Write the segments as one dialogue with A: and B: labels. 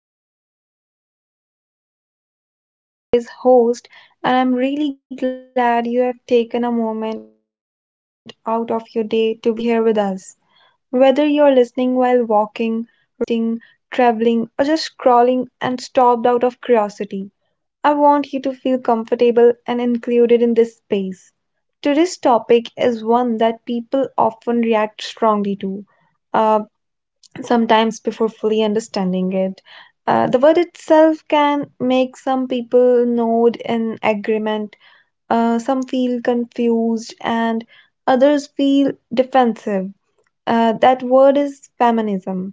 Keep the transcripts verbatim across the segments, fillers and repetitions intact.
A: back to the podcast. This is Anuriti, your today's host, and I'm really glad you have taken a moment out of your day to be here with us. Whether you're listening while walking, resting, traveling, or just scrolling and stopped out of curiosity, I want you to feel comfortable and included in this space. Today's topic is one that people often react strongly to uh, sometimes before fully understanding it. Uh, the word itself can make some people nod in agreement, uh, some feel confused, and others feel defensive. Uh, that word is feminism.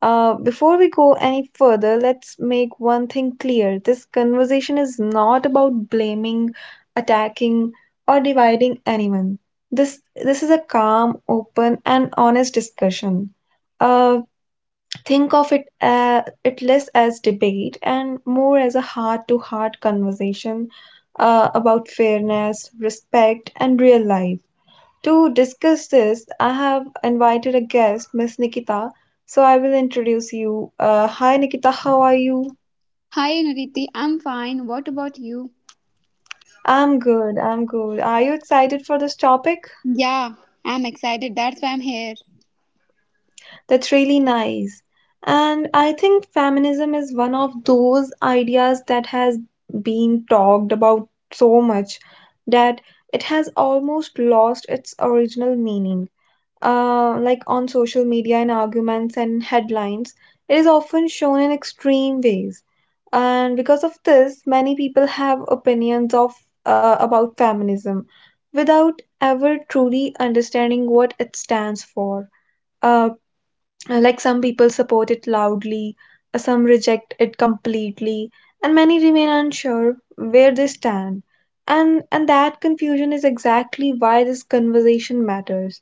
A: Uh, before we go any further, let's make one thing clear. This conversation is not about blaming, attacking, or dividing anyone. This this is a calm, open, and honest discussion. Uh, Think of it uh, it less as debate and more as a heart-to-heart conversation uh, about fairness, respect, and real life. To discuss this, I have invited a guest, Miss Nikita. So I will introduce you. Uh, hi, Nikita. How are you?
B: Hi Nuriti, I'm fine. What about you?
A: I'm good. I'm good. Are you excited for this topic?
B: Yeah, I'm excited. That's why I'm here.
A: That's really nice. And I think feminism is one of those ideas that has been talked about so much that it has almost lost its original meaning. Uh, like on social media and arguments and headlines, it is often shown in extreme ways. And because of this, many people have opinions of uh, about feminism without ever truly understanding what it stands for. Uh, uh, Like some people support it loudly, uh, some reject it completely, and many remain unsure where they stand. And and that confusion is exactly why this conversation matters.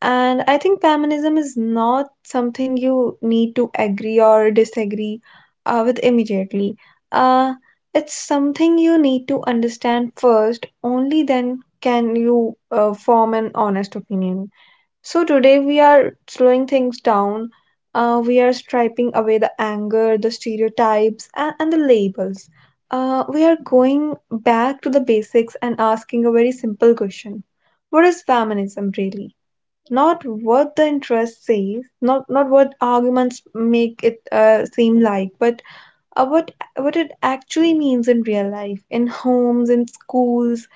A: And I think feminism is not something you need to agree or disagree uh, with immediately. Uh, it's something you need to understand first, only then can you uh, form an honest opinion. So, today we are slowing things down. Uh, we are striping away the anger, the stereotypes, and, and the labels. Uh, we are going back to the basics and asking a very simple question. What is feminism really? Not what the interest says, not, not what arguments make it uh, seem like, but uh, what, what it actually means in real life, in homes, in schools,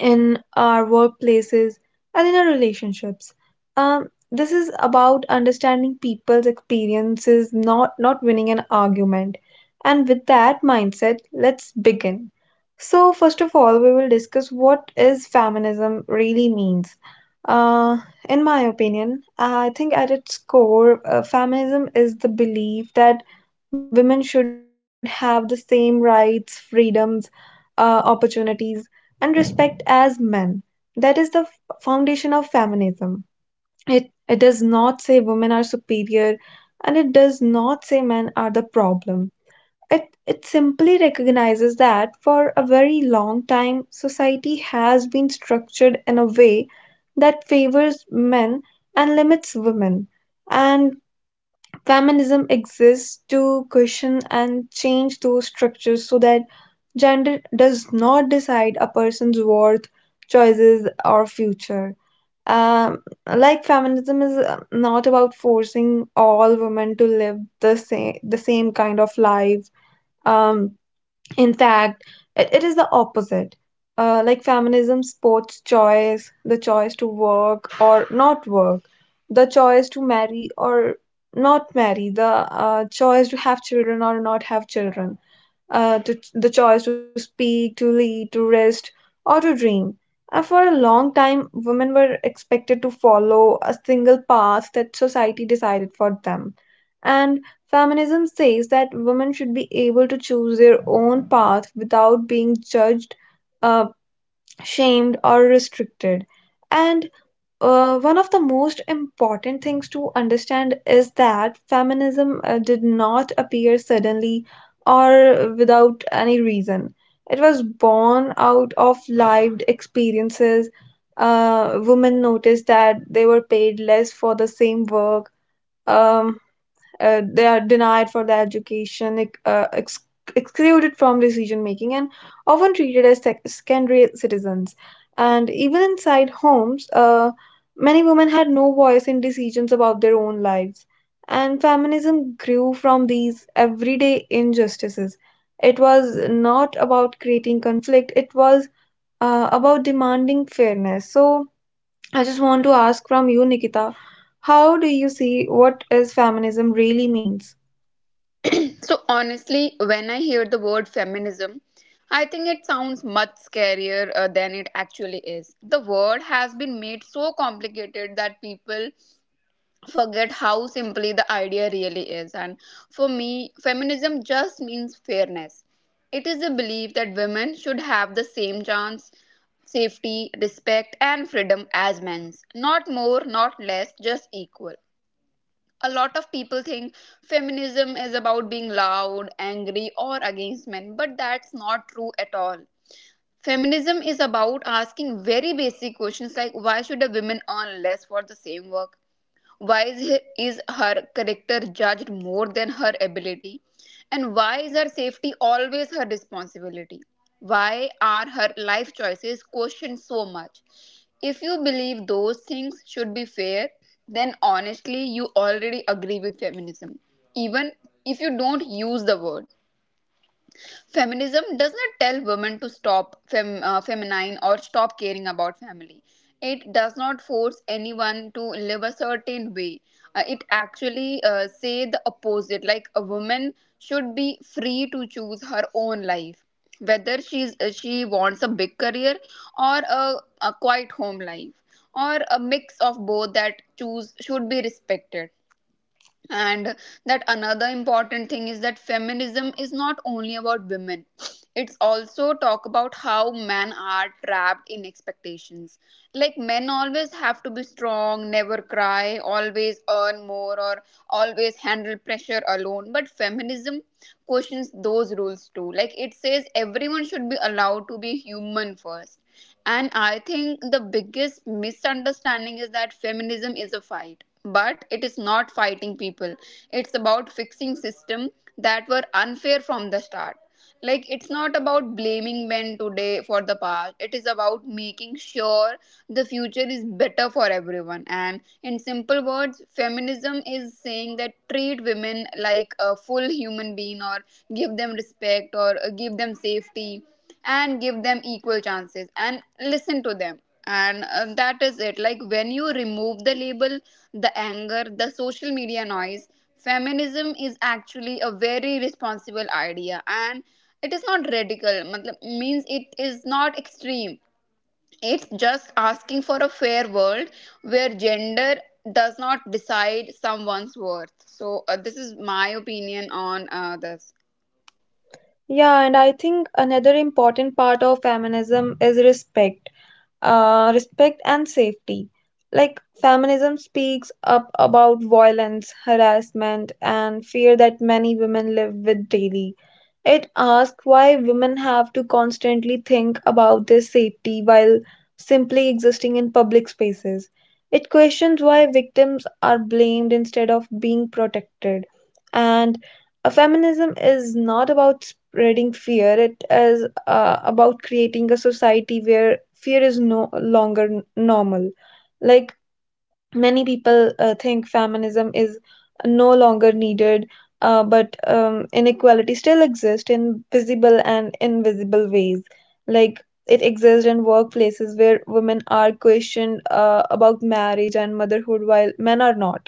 A: in our workplaces and in our relationships. Um, this is about understanding people's experiences, not not winning an argument. And with that mindset, let's begin. So first of all, we will discuss what is feminism really means. Uh, in my opinion, I think at its core, uh, feminism is the belief that women should have the same rights, freedoms, uh, opportunities and respect as men. That is the f- foundation of feminism. It, it does not say women are superior and it does not say men are the problem. It, it simply recognizes that for a very long time, society has been structured in a way that favors men and limits women. And feminism exists to question and change those structures so that gender does not decide a person's worth, choices, or future. Um, like feminism is uh, not about forcing all women to live the same the same kind of life. Um, in fact, it, it is the opposite. Uh, like feminism supports choice, the choice to work or not work, the choice to marry or not marry, the uh, choice to have children or not have children uh, to, the choice to speak, to lead, to rest, or to dream. And for a long time, women were expected to follow a single path that society decided for them. And feminism says that women should be able to choose their own path without being judged, uh, shamed, or restricted. And uh, one of the most important things to understand is that feminism uh, did not appear suddenly or without any reason. It was born out of lived experiences. Uh, women noticed that they were paid less for the same work. Um, uh, they are denied for their education, ex- uh, ex- excluded from decision making, and often treated as sec- secondary citizens. And even inside homes, uh, many women had no voice in decisions about their own lives. And feminism grew from these everyday injustices. It was not about creating conflict, it was uh, about demanding fairness. So, I just want to ask from you, Nikita, how do you see what is feminism really means?
B: So, honestly, when I hear the word feminism, I think it sounds much scarier uh, than it actually is. The word has been made so complicated that people forget how simply the idea really is. And for me, feminism just means fairness. It is a belief that women should have the same chance, safety, respect, and freedom as men's. Not more, not less, just equal. A lot of people think feminism is about being loud, angry, or against men, but that's not true at all. Feminism is about asking very basic questions like, why should a woman earn less for the same work? Why is, he- is her character judged more than her ability? And why is her safety always her responsibility? Why are her life choices questioned so much? If you believe those things should be fair, then honestly, you already agree with feminism, even if you don't use the word. Feminism does not tell women to stop fem- uh, feminine or stop caring about family. It does not force anyone to live a certain way. Uh, it actually uh, say the opposite, like a woman should be free to choose her own life, whether she's uh, she wants a big career or a, a quiet home life or a mix of both. That choose should be respected. And that another important thing is that feminism is not only about women, it's also talk about how men are trapped in expectations, like men always have to be strong, never cry, always earn more, or always handle pressure alone. But feminism questions those rules too. Like, it says everyone should be allowed to be human first. And I think the biggest misunderstanding is that feminism is a fight, but it is not fighting people, it's about fixing system that were unfair from the start. Like, it's not about blaming men today for the past, it is about making sure the future is better for everyone. And in simple words, feminism is saying that treat women like a full human being, or give them respect, or uh, give them safety, and give them equal chances, and listen to them. And uh, that is it. Like, when you remove the label, the anger, the social media noise, feminism is actually a very responsible idea, and it is not radical, matlab- means it is not extreme. It's just asking for a fair world where gender does not decide someone's worth. So uh, this is my opinion on uh, this.
A: Yeah, and I think another important part of feminism is respect, uh, respect and safety. Like, feminism speaks up about violence, harassment, and fear that many women live with daily. It asks why women have to constantly think about their safety while simply existing in public spaces. It questions why victims are blamed instead of being protected. And a feminism is not about spreading fear, it is uh, about creating a society where fear is no longer n- normal. Like many people uh, think feminism is no longer needed, uh, but um, inequality still exists in visible and invisible ways. Like it exists in workplaces where women are questioned uh, about marriage and motherhood while men are not.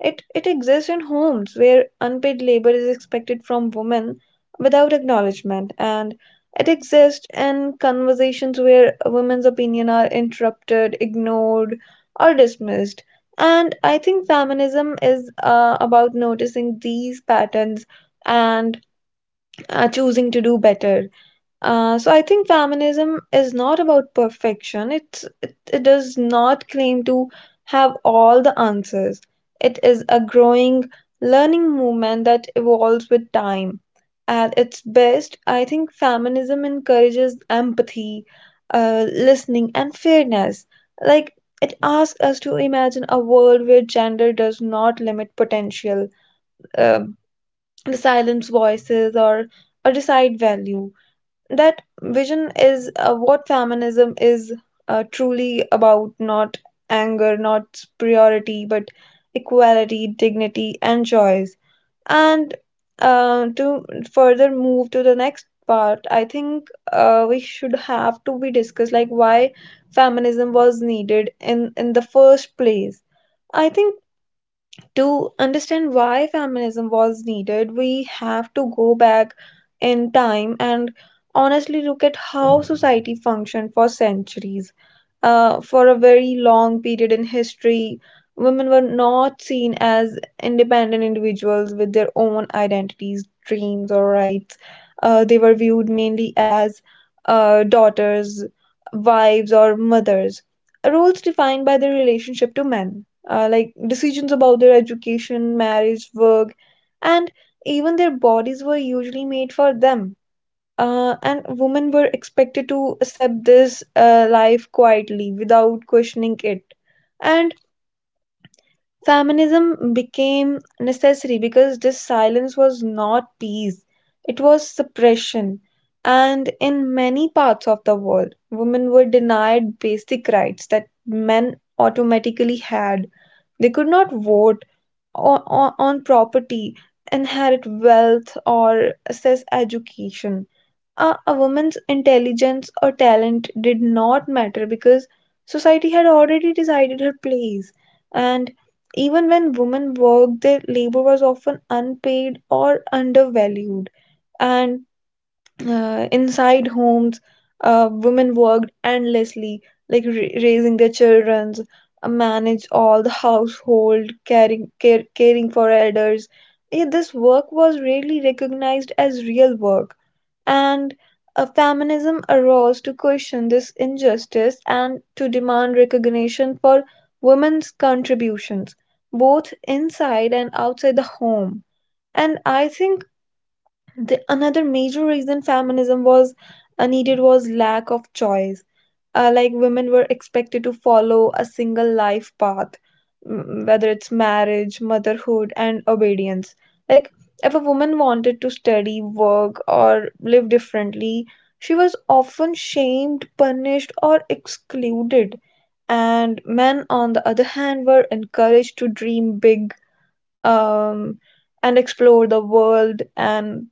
A: It, it exists in homes where unpaid labor is expected from women without acknowledgement, and it exists in conversations where women's opinion are interrupted, ignored, or dismissed. And I think feminism is uh, about noticing these patterns and uh, choosing to do better. Uh, so I think feminism is not about perfection. It's it, it does not claim to have all the answers. It is a growing learning movement that evolves with time. At its best, I think feminism encourages empathy, uh, listening, and fairness. Like it asks us to imagine a world where gender does not limit potential, um, silence voices, or or decide value. That vision is uh, what feminism is uh, truly about, not anger, not priority, but equality, dignity, and choice. And uh, to further move to the next part, I think uh, we should have to be discussed like why feminism was needed in in the first place. I think to understand why feminism was needed, we have to go back in time and honestly look at how society functioned for centuries. Uh, for a very long period in history, women were not seen as independent individuals with their own identities, dreams, or rights. Uh, they were viewed mainly as uh, daughters, wives, or mothers. Roles defined by their relationship to men, uh, like decisions about their education, marriage, work, and even their bodies were usually made for them uh, and women were expected to accept this uh, life quietly without questioning it. And feminism became necessary because this silence was not peace, it was suppression. And in many parts of the world, women were denied basic rights that men automatically had. They could not vote on, on, property, inherit wealth, or access education. A, a woman's intelligence or talent did not matter because society had already decided her place. And even when women worked, their labor was often unpaid or undervalued. And uh, inside homes, uh, women worked endlessly, like ra- raising their children, uh, manage all the household caring care, caring for elders. Yeah, this work was rarely recognized as real work, and uh, feminism arose to question this injustice and to demand recognition for women's contributions, both inside and outside the home. And I think the, another major reason feminism was uh, needed was lack of choice, uh, like women were expected to follow a single life path, mm, whether it's marriage, motherhood, and obedience. Like, if a woman wanted to study, work, or live differently, she was often shamed, punished, or excluded. And men, on the other hand, were encouraged to dream big um, and explore the world. And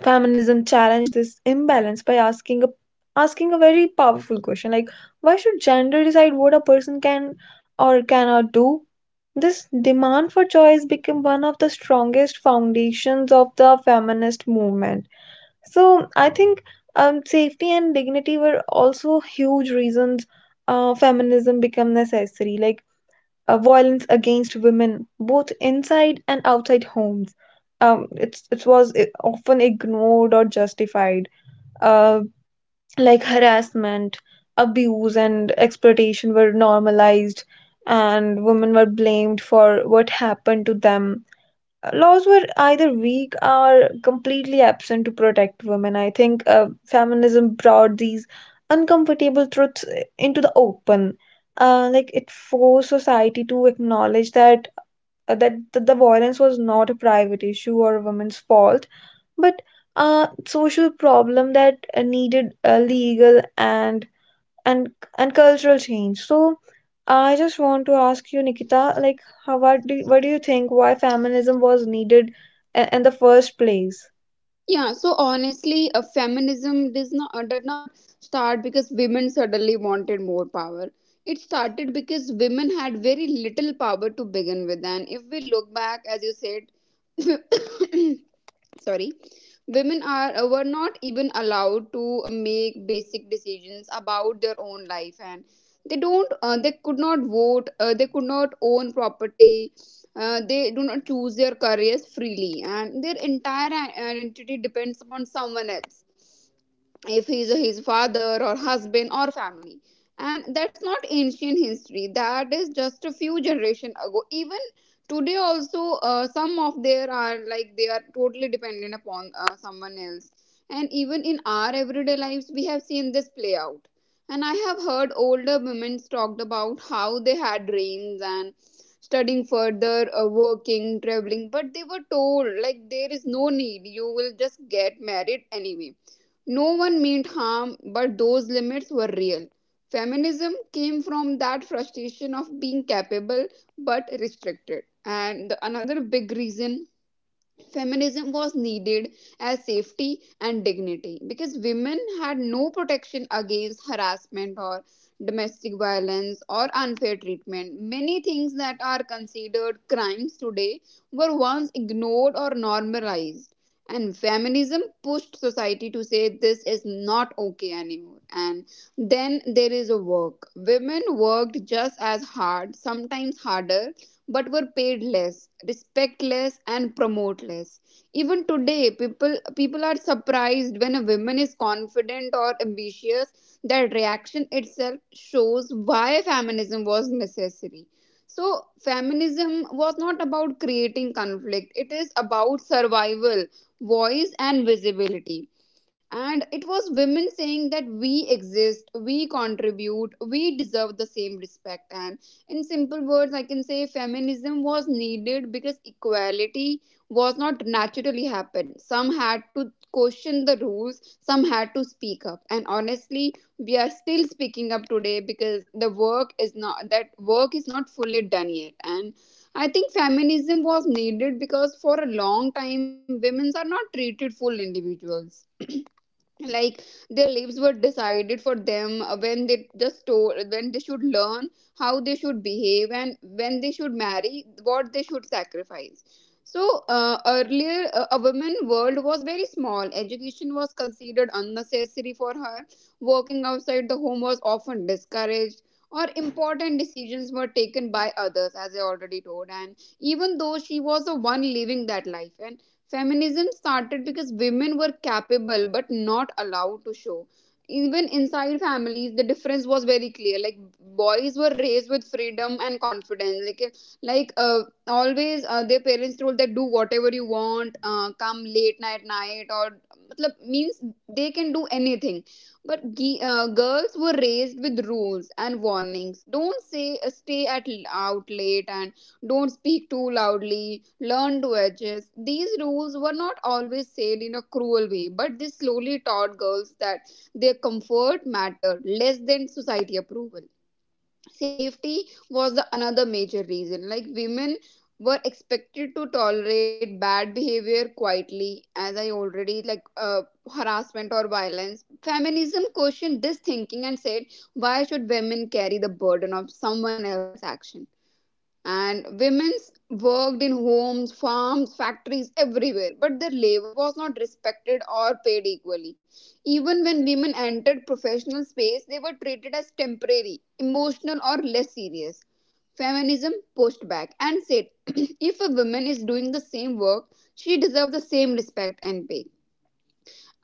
A: feminism challenged this imbalance by asking a asking a very powerful question, like why should gender decide what a person can or cannot do? This demand for choice became one of the strongest foundations of the feminist movement. So I think um, safety and dignity were also huge reasons uh, feminism became necessary. Like uh, violence against women, both inside and outside homes. Um, it's, it was i- often ignored or justified. Uh, like harassment, abuse, and exploitation were normalized, and women were blamed for what happened to them. Laws were either weak or completely absent to protect women. I think uh, feminism brought these uncomfortable truths uh, into the open. Uh, like it forced society to acknowledge that uh, that that the violence was not a private issue or a woman's fault, but a social problem that uh, needed a legal and and and cultural change. So I just want to ask you, Nikita, like, how, what do what do you think why feminism was needed i- in the first place?
B: Yeah, so honestly, a feminism does not uh, did not start because women suddenly wanted more power. It started because women had very little power to begin with, and if we look back, as you said, sorry, women are uh, were not even allowed to uh, make basic decisions about their own life. And they don't uh, they could not vote, uh, they could not own property, uh, they do not choose their careers freely, and their entire i- identity depends upon someone else, if he's his father or husband or family. And that's not ancient history, that is just a few generation ago. Even today also, uh, some of there are, like, they are totally dependent upon uh, someone else. And even in our everyday lives we have seen this play out. And I have heard older women talked about how they had dreams, and studying further, uh, working, traveling, but they were told like there is no need, you will just get married anyway. No one meant harm, but those limits were real. Feminism came from that frustration of being capable but restricted. And the- another big reason feminism was needed as safety and dignity, because women had no protection against harassment or domestic violence or unfair treatment. Many things that are considered crimes today were once ignored or normalized. And feminism pushed society to say this is not okay anymore. And then there is a work. Women worked just as hard, sometimes harder, but were paid less, respect less, and promote less. Even today, people people are surprised when a woman is confident or ambitious. That reaction itself shows why feminism was necessary. So, feminism was not about creating conflict, it is about survival, voice, and visibility. And it was women saying that we exist, we contribute, we deserve the same respect. And in simple words, I can say feminism was needed because equality was not naturally happened. Some had to question the rules, some had to speak up. And honestly, we are still speaking up today because the work is not that work is not fully done yet. And I think feminism was needed because for a long time women are not treated full individuals, like their lives were decided for them. Uh, when they just told when they should learn, how they should behave, and when they should marry, what they should sacrifice. So uh, earlier, uh, a woman world was very small. Education was considered unnecessary for her, working outside the home was often discouraged, or important decisions were taken by others, as I already told. And even though she was the one living that life, feminism started because women were capable but not allowed to show. Even inside families, the difference was very clear. Like, boys were raised with freedom and confidence. Like, like uh, always, uh, their parents told that do whatever you want, uh, come late night, night, or matlab, means they can do anything. But ge- uh, girls were raised with rules and warnings. Don't say uh, stay at l- out late, and don't speak too loudly, learn to adjust. These rules were not always said in a cruel way, but they slowly taught girls that their comfort mattered less than society approval. Safety was the another major reason. Like, women were expected to tolerate bad behavior quietly, as I already, like uh, harassment or violence. Feminism questioned this thinking and said, why should women carry the burden of someone else's action? And women's worked in homes, farms, factories, everywhere, but their labor was not respected or paid equally. Even when women entered professional space, they were treated as temporary, emotional, or less serious. Feminism pushed back and said, if a woman is doing the same work, she deserves the same respect and pay.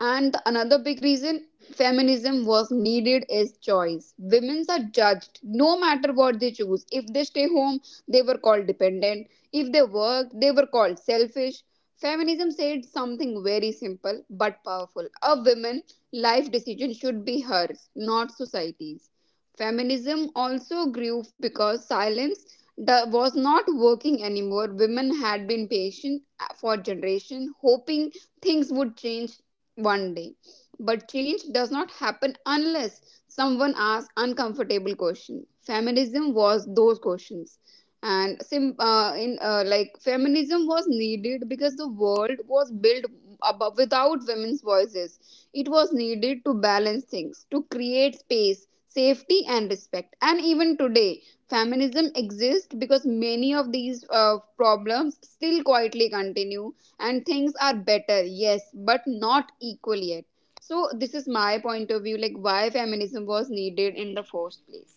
B: And the another big reason feminism was needed is choice. Women are judged no matter what they choose. If they stay home, they were called dependent. If they work, they were called selfish. Feminism said something very simple but powerful. A woman life decision should be hers, not society's. Feminism also grew because silence da- was not working anymore. Women had been patient for generation, hoping things would change one day. But change does not happen unless someone asks uncomfortable questions. Feminism was those questions. And sim uh, in uh, like, feminism was needed because the world was built above, without women's voices. It was needed to balance things, to create space, safety, and respect. And even today feminism exists because many of these uh, problems still quietly continue, and things are better, yes, but not equal yet. So this is my point of view, like why feminism was needed in the first place.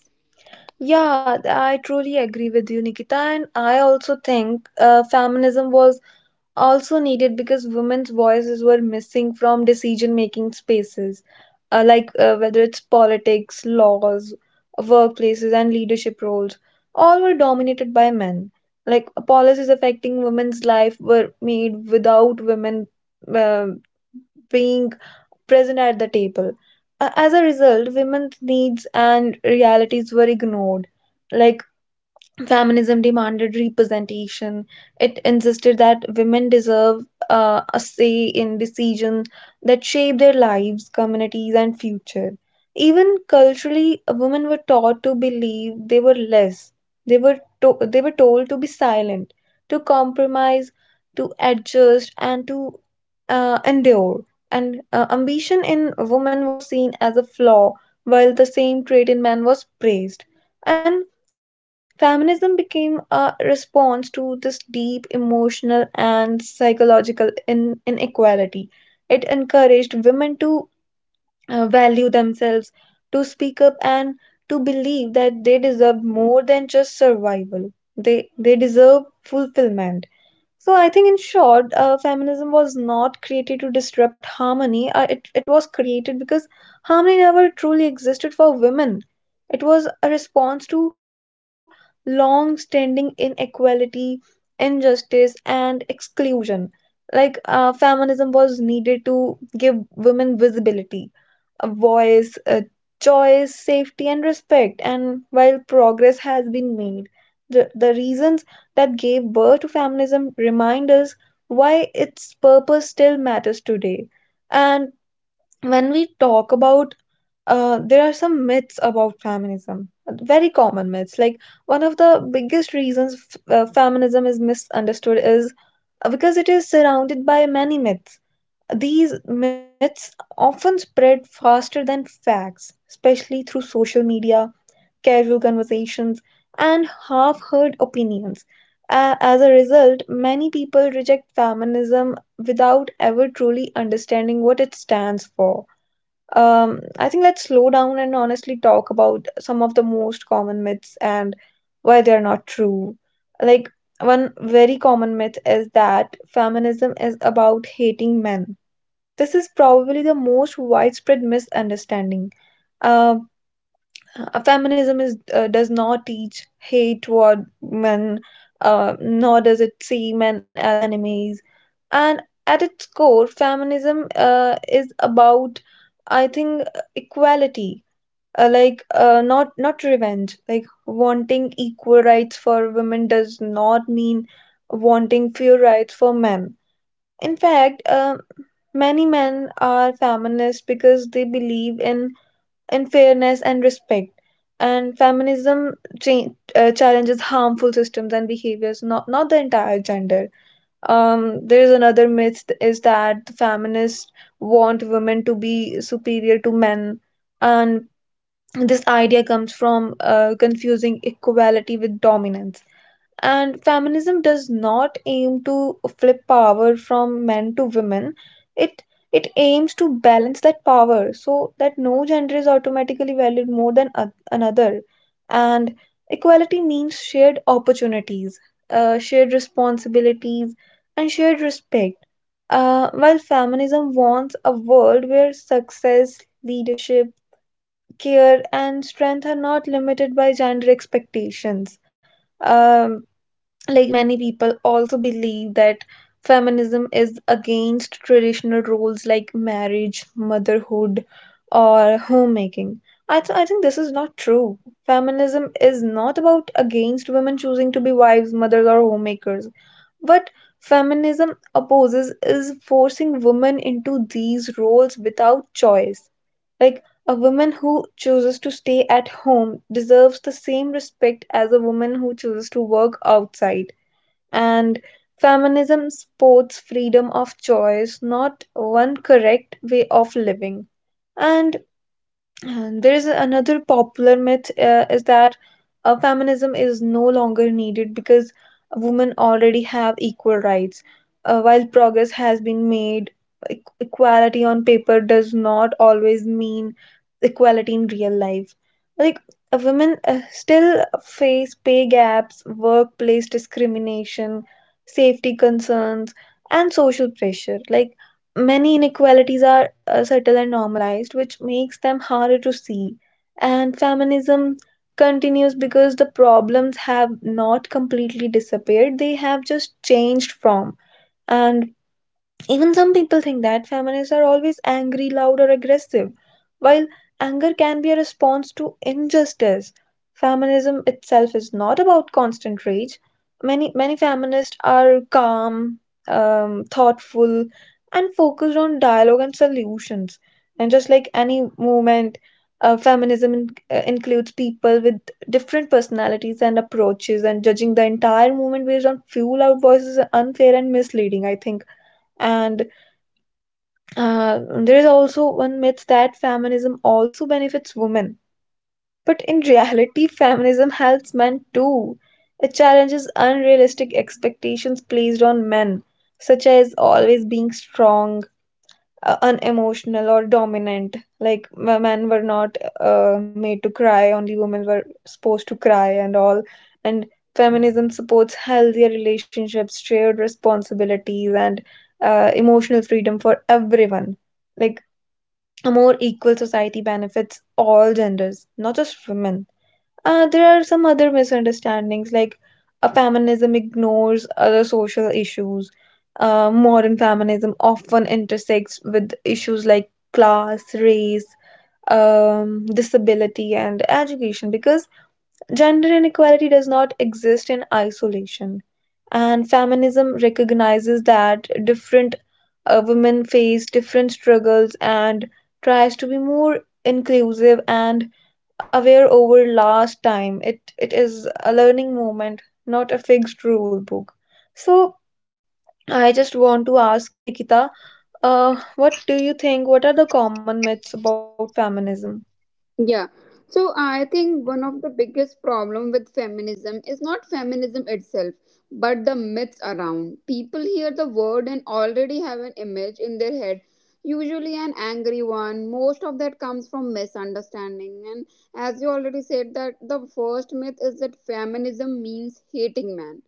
A: Yeah, th- I truly agree with you, Nikita, and I also think uh, feminism was also needed because women's voices were missing from decision making spaces, uh, like uh, whether it's politics, laws, workplaces, and leadership roles. All were dominated by men. Like policies affecting women's life were made without women uh, being present at the table. Uh, As a result, women's needs and realities were ignored. Like feminism demanded representation. It insisted that women deserve uh, a say in decisions that shape their lives, communities, and future. Even culturally, women were taught to believe they were less. They were to- they were told to be silent, to compromise, to adjust, and to uh, endure. And uh, ambition in women was seen as a flaw, while the same trait in men was praised. And feminism became a response to this deep emotional and psychological in- inequality. It encouraged women to uh, value themselves, to speak up, and to believe that they deserve more than just survival. They, they deserve fulfillment. So I think, in short, uh, feminism was not created to disrupt harmony. Uh, it it was created because harmony never truly existed for women. It was a response to long-standing inequality, injustice, and exclusion. Like uh, feminism was needed to give women visibility, a voice, a choice, safety, and respect. And while progress has been made, the, the reasons that gave birth to feminism remind us why its purpose still matters today. And when we talk about uh, there are some myths about feminism, very common myths. Like one of the biggest reasons f- uh, feminism is misunderstood is uh, because it is surrounded by many myths. These myths often spread faster than facts, especially through social media, casual conversations, and half heard opinions. A- as a result, many people reject feminism without ever truly understanding what it stands for. Um, I think let's slow down and honestly talk about some of the most common myths and why they are not true. Like, one very common myth is that feminism is about hating men. This is probably the most widespread misunderstanding. Uh, uh, Feminism is, uh, does not teach hate toward men, uh, nor does it see men as enemies. And at its core, feminism uh, is about, I think, uh, equality. Uh, like uh, not not revenge. Like wanting equal rights for women does not mean wanting fewer rights for men. In fact, um, many men are feminists because they believe in, in fairness and respect. And feminism cha- uh, challenges harmful systems and behaviors, not, not the entire gender. Um, there is another myth th- is that the feminists want women to be superior to men, and this idea comes from uh, confusing equality with dominance. And feminism does not aim to flip power from men to women. It it aims to balance that power so that no gender is automatically valued more than oth- another. And equality means shared opportunities, uh, shared responsibilities, and shared respect. Uh, while feminism wants a world where success, leadership, care, and strength are not limited by gender expectations. Um, like many people also believe that feminism is against traditional roles like marriage, motherhood, or homemaking. I, th- I think this is not true. Feminism is not about against women choosing to be wives, mothers, or homemakers. What feminism opposes is forcing women into these roles without choice. Like a woman who chooses to stay at home deserves the same respect as a woman who chooses to work outside, and feminism supports freedom of choice, not one correct way of living. And and there is another popular myth uh, is that uh, feminism is no longer needed because women already have equal rights. Uh, while progress has been made, e- equality on paper does not always mean equality in real life. Like uh, women uh, still face pay gaps, workplace discrimination, safety concerns, and social pressure. Like many inequalities are uh, subtle and normalized, which makes them harder to see. And feminism continues because the problems have not completely disappeared, they have just changed from. And even some people think that feminists are always angry, loud, or aggressive. While anger can be a response to injustice, feminism itself is not about constant rage. Many many feminists are calm, um, thoughtful, and focused on dialogue and solutions. And just like any movement, uh, feminism in, uh, includes people with different personalities and approaches. And judging the entire movement based on few loud voices is unfair and misleading, I think. And uh, there is also one myth that feminism also benefits women. But in reality, feminism helps men too. It challenges unrealistic expectations placed on men, such as always being strong, uh, unemotional, or dominant. Like m- men were not uh, made to cry, only women were supposed to cry, and all. And feminism supports healthier relationships, shared responsibilities, and uh, emotional freedom for everyone. Like a more equal society benefits all genders, not just women. Uh, there are some other misunderstandings like a feminism ignores other social issues. Uh, modern feminism often intersects with issues like class, race, um, disability, and education, because gender inequality does not exist in isolation, and feminism recognizes that different uh, women face different struggles and tries to be more inclusive and aware over last time. It it is a learning moment, not a fixed rule book. So I just want to ask you, Nikita, uh, what do you think? What are the common myths about feminism?
B: Yeah. So I think one of the biggest problem with feminism is not feminism itself, but the myths around. People hear the word and already have an image in their head, usually an angry one. Most of that comes from misunderstanding. And as you already said, that the first myth is that feminism means hating man.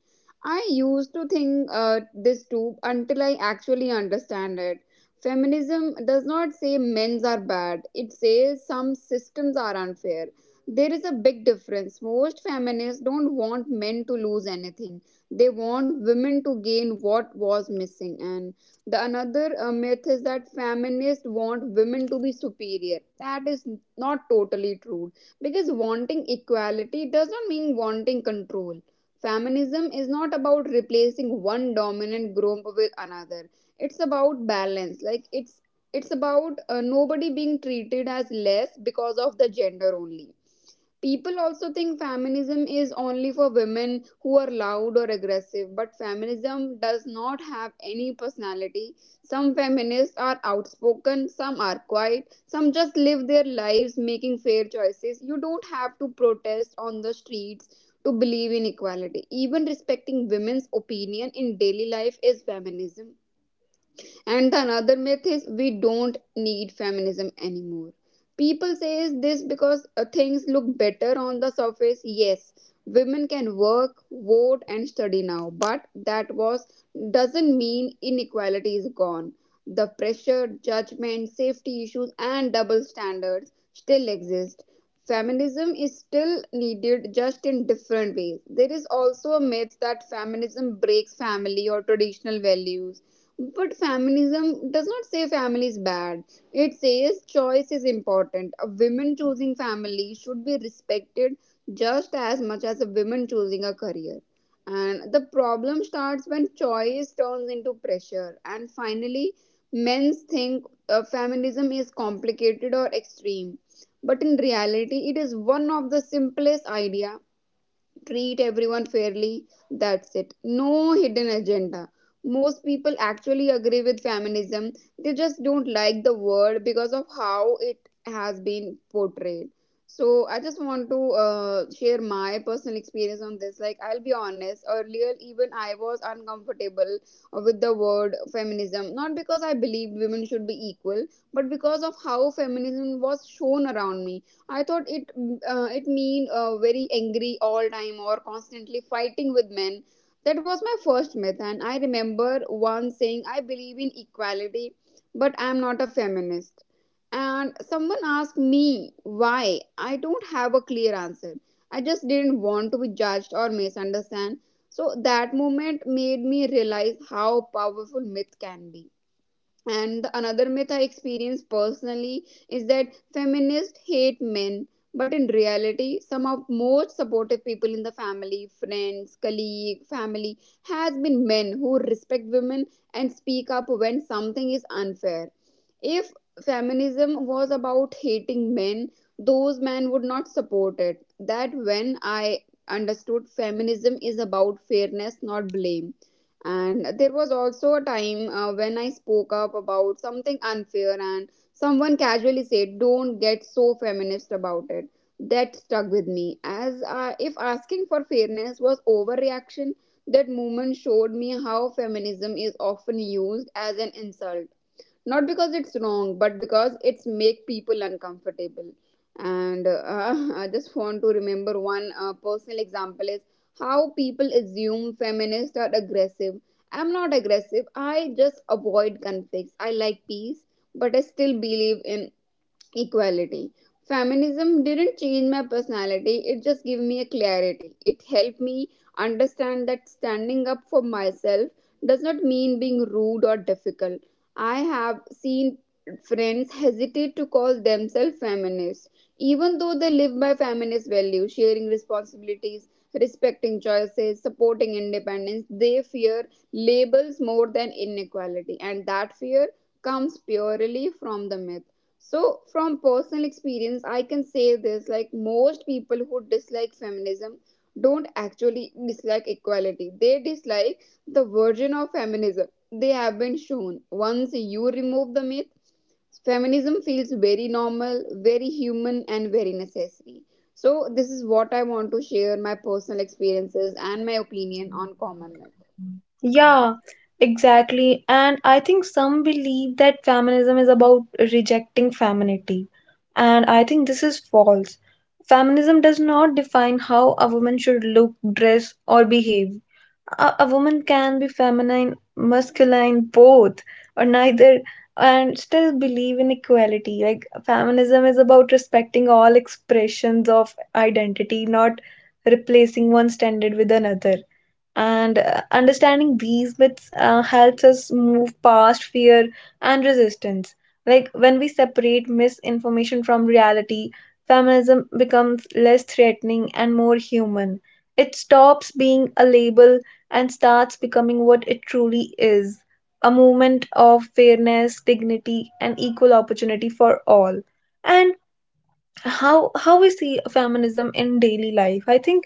B: I used to think uh, this too until I actually understand it. Feminism does not say men's are bad, it says some systems are unfair. There is a big difference. Most feminists don't want men to lose anything. They want women to gain what was missing. And the another uh, myth is that feminists want women to be superior. That is not totally true, because wanting equality does not mean wanting control. Feminism is not about replacing one dominant group with another, it's about balance. Like it's it's about uh, nobody being treated as less because of the gender only. People also think feminism is only for women who are loud or aggressive, but feminism does not have any personality. Some feminists are outspoken, some are quiet, some just live their lives making fair choices. You don't have to protest on the streets to believe in equality. Even respecting women's opinion in daily life is feminism. And the another myth is, we don't need feminism anymore. People says this because uh, things look better on the surface. Yes, women can work, vote, and study now, but that was doesn't mean inequality is gone. The pressure, judgment, safety issues, and double standards still exist. Feminism is still needed, just in different ways. There is also a myth that feminism breaks family or traditional values, but feminism does not say family is bad. It says choice is important. A woman choosing family should be respected just as much as a woman choosing a career. And the problem starts when choice turns into pressure. And finally, men think uh, feminism is complicated or extreme. But in reality, it is one of the simplest idea: treat everyone fairly. That's it. No hidden agenda. Most people actually agree with feminism, they just don't like the word because of how it has been portrayed. So, I just want to uh, share my personal experience on this. Like, I'll be honest, earlier, even I was uncomfortable with the word feminism, not because I believed women should be equal, but because of how feminism was shown around me. I thought it uh, it mean uh, very angry all time or constantly fighting with men. That was my first myth, and I remember one saying, "I believe in equality, but I'm not a feminist." And someone asked me why. I don't have a clear answer. I just didn't want to be judged or misunderstood. So that moment made me realize how powerful myth can be. And the another myth I experienced personally is that feminists hate men, but in reality, some of most supportive people in the family, friends, colleague, family, has been men who respect women and speak up when something is unfair. If feminism was about hating men, those men would not support it. That when I understood feminism is about fairness, not blame. And there was also a time uh, when I spoke up about something unfair, and someone casually said, "Don't get so feminist about it." That stuck with me. As uh, if asking for fairness was overreaction, that moment showed me how feminism is often used as an insult, not because it's wrong but because it's make people uncomfortable. And uh, I just want to remember one uh, personal example is how people assume feminists are aggressive. I'm not aggressive, I just avoid conflicts, I like peace, but I still believe in equality. Feminism didn't change my personality, it just gave me a clarity. It helped me understand that standing up for myself does not mean being rude or difficult. I have seen friends hesitate to call themselves feminists, even though they live by feminist values, sharing responsibilities, respecting choices, supporting independence. They fear labels more than inequality, and that fear comes purely from the myth. So from personal experience I can say this, like most people who dislike feminism don't actually dislike equality, they dislike the version of feminism they have been shown. Once you remove the myth, feminism feels very normal, very human, and very necessary. So this is what I want to share, my personal experiences and my opinion on common myth.
A: Yeah, exactly. And I think some believe that feminism is about rejecting femininity. And I think this is false. Feminism does not define how a woman should look, dress, or behave. A, a woman can be feminine, masculine, both, or neither, and still believe in equality. Like, feminism is about respecting all expressions of identity, not replacing one standard with another. And uh, understanding these myths uh, helps us move past fear and resistance. Like when we separate misinformation from reality, feminism becomes less threatening and more human. It stops being a label and starts becoming what it truly is: a movement of fairness, dignity, and equal opportunity for all. And how how we see feminism in daily life, I think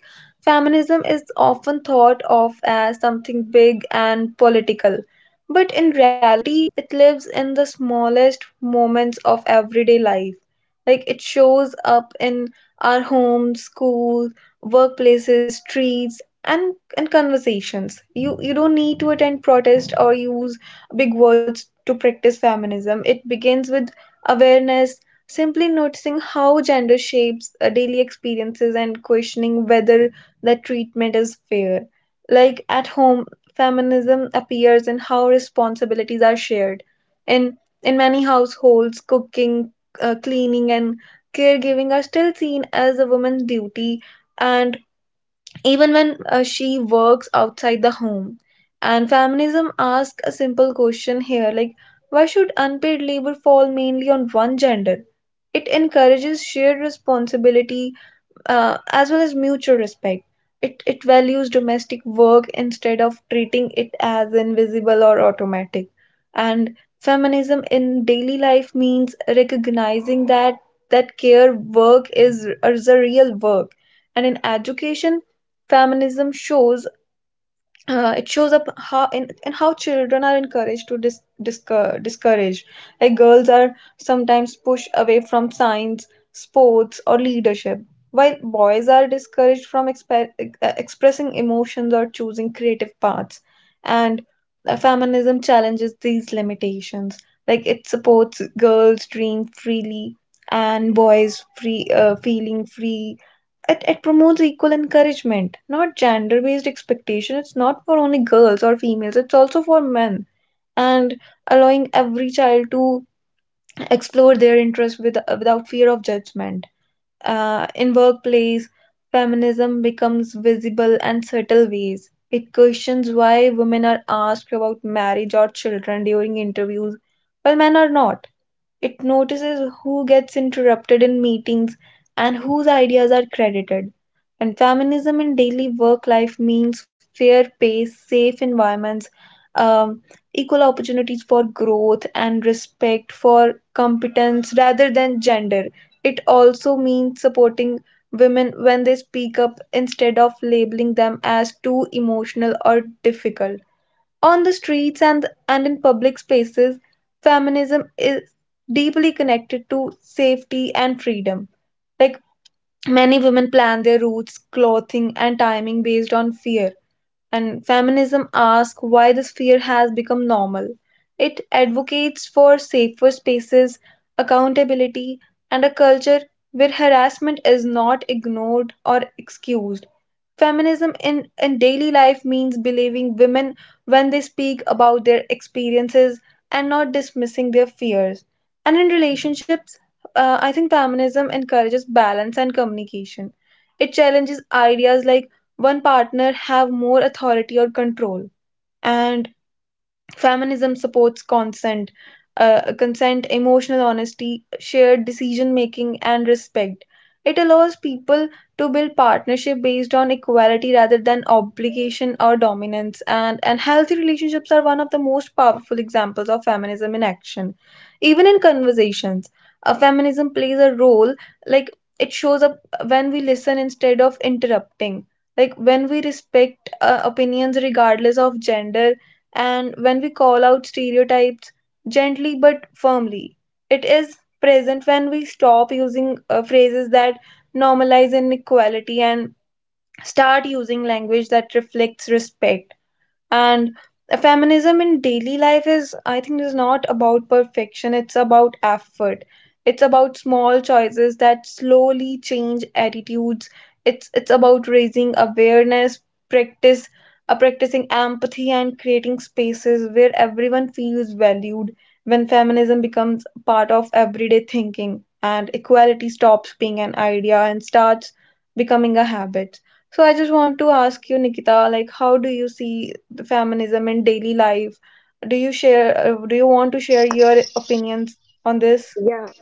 A: feminism is often thought of as something big and political, but in reality it lives in the smallest moments of everyday life. Like it shows up in our homes, schools, workplaces, streets, and and conversations. You you don't need to attend protest or use big words to practice feminism. It begins with awareness, simply noticing how gender shapes uh, daily experiences and questioning whether that treatment is fair. Like at home, feminism appears in how responsibilities are shared. In in many households, cooking, uh, cleaning, and caregiving are still seen as a woman's duty, and even when uh, she works outside the home. And feminism asks a simple question here, like, why should unpaid labor fall mainly on one gender? It encourages shared responsibility, uh, as well as mutual respect. It, it values domestic work instead of treating it as invisible or automatic. And feminism in daily life means recognizing that that care work is, is a real work. And in education, feminism shows uh, it shows up how and, and how children are encouraged to dis, discour- discourage. Like girls are sometimes pushed away from science, sports, or leadership, while boys are discouraged from expe- uh, expressing emotions or choosing creative paths. And uh, feminism challenges these limitations. Like it supports girls dream freely and boys free uh, feeling free. It, it promotes equal encouragement, not gender based expectation. It's not for only girls or females, it's also for men. And allowing every child to explore their interests with, without fear of judgment. Uh, in workplace, feminism becomes visible and subtle ways. It questions why women are asked about marriage or children during interviews, while men are not. It notices who gets interrupted in meetings and whose ideas are credited. And feminism in daily work life means fair pay, safe environments, um, equal opportunities for growth, and respect for competence rather than gender. It also means supporting women when they speak up instead of labeling them as too emotional or difficult. On the streets and, and in public spaces, feminism is deeply connected to safety and freedom. Like many women plan their routes, clothing, and timing based on fear, and feminism asks why this fear has become normal. It advocates for safer spaces, accountability, and a culture where harassment is not ignored or excused. Feminism in, in daily life means believing women when they speak about their experiences and not dismissing their fears. And in relationships, uh, I think feminism encourages balance and communication. It challenges ideas like one partner have more authority or control. And feminism supports consent, uh, consent, emotional honesty, shared decision making, and respect. It allows people to build partnership based on equality rather than obligation or dominance. And, and healthy relationships are one of the most powerful examples of feminism in action. Even in conversations, uh, feminism plays a role. Like it shows up when we listen instead of interrupting. Like when we respect uh, opinions regardless of gender, and when we call out stereotypes gently but firmly. It is present when we stop using uh, phrases that normalize inequality and start using language that reflects respect. And feminism in daily life is, I think, is not about perfection. It's about effort. It's about small choices that slowly change attitudes. It's it's about raising awareness, practice, uh, practicing empathy, and creating spaces where everyone feels valued. When feminism becomes part of everyday thinking, and equality stops being an idea and starts becoming a habit. So I just want to ask you, Nikita, like how do you see the feminism in daily life? Do you share, uh, do you want to share your opinions on this?
B: Yeah,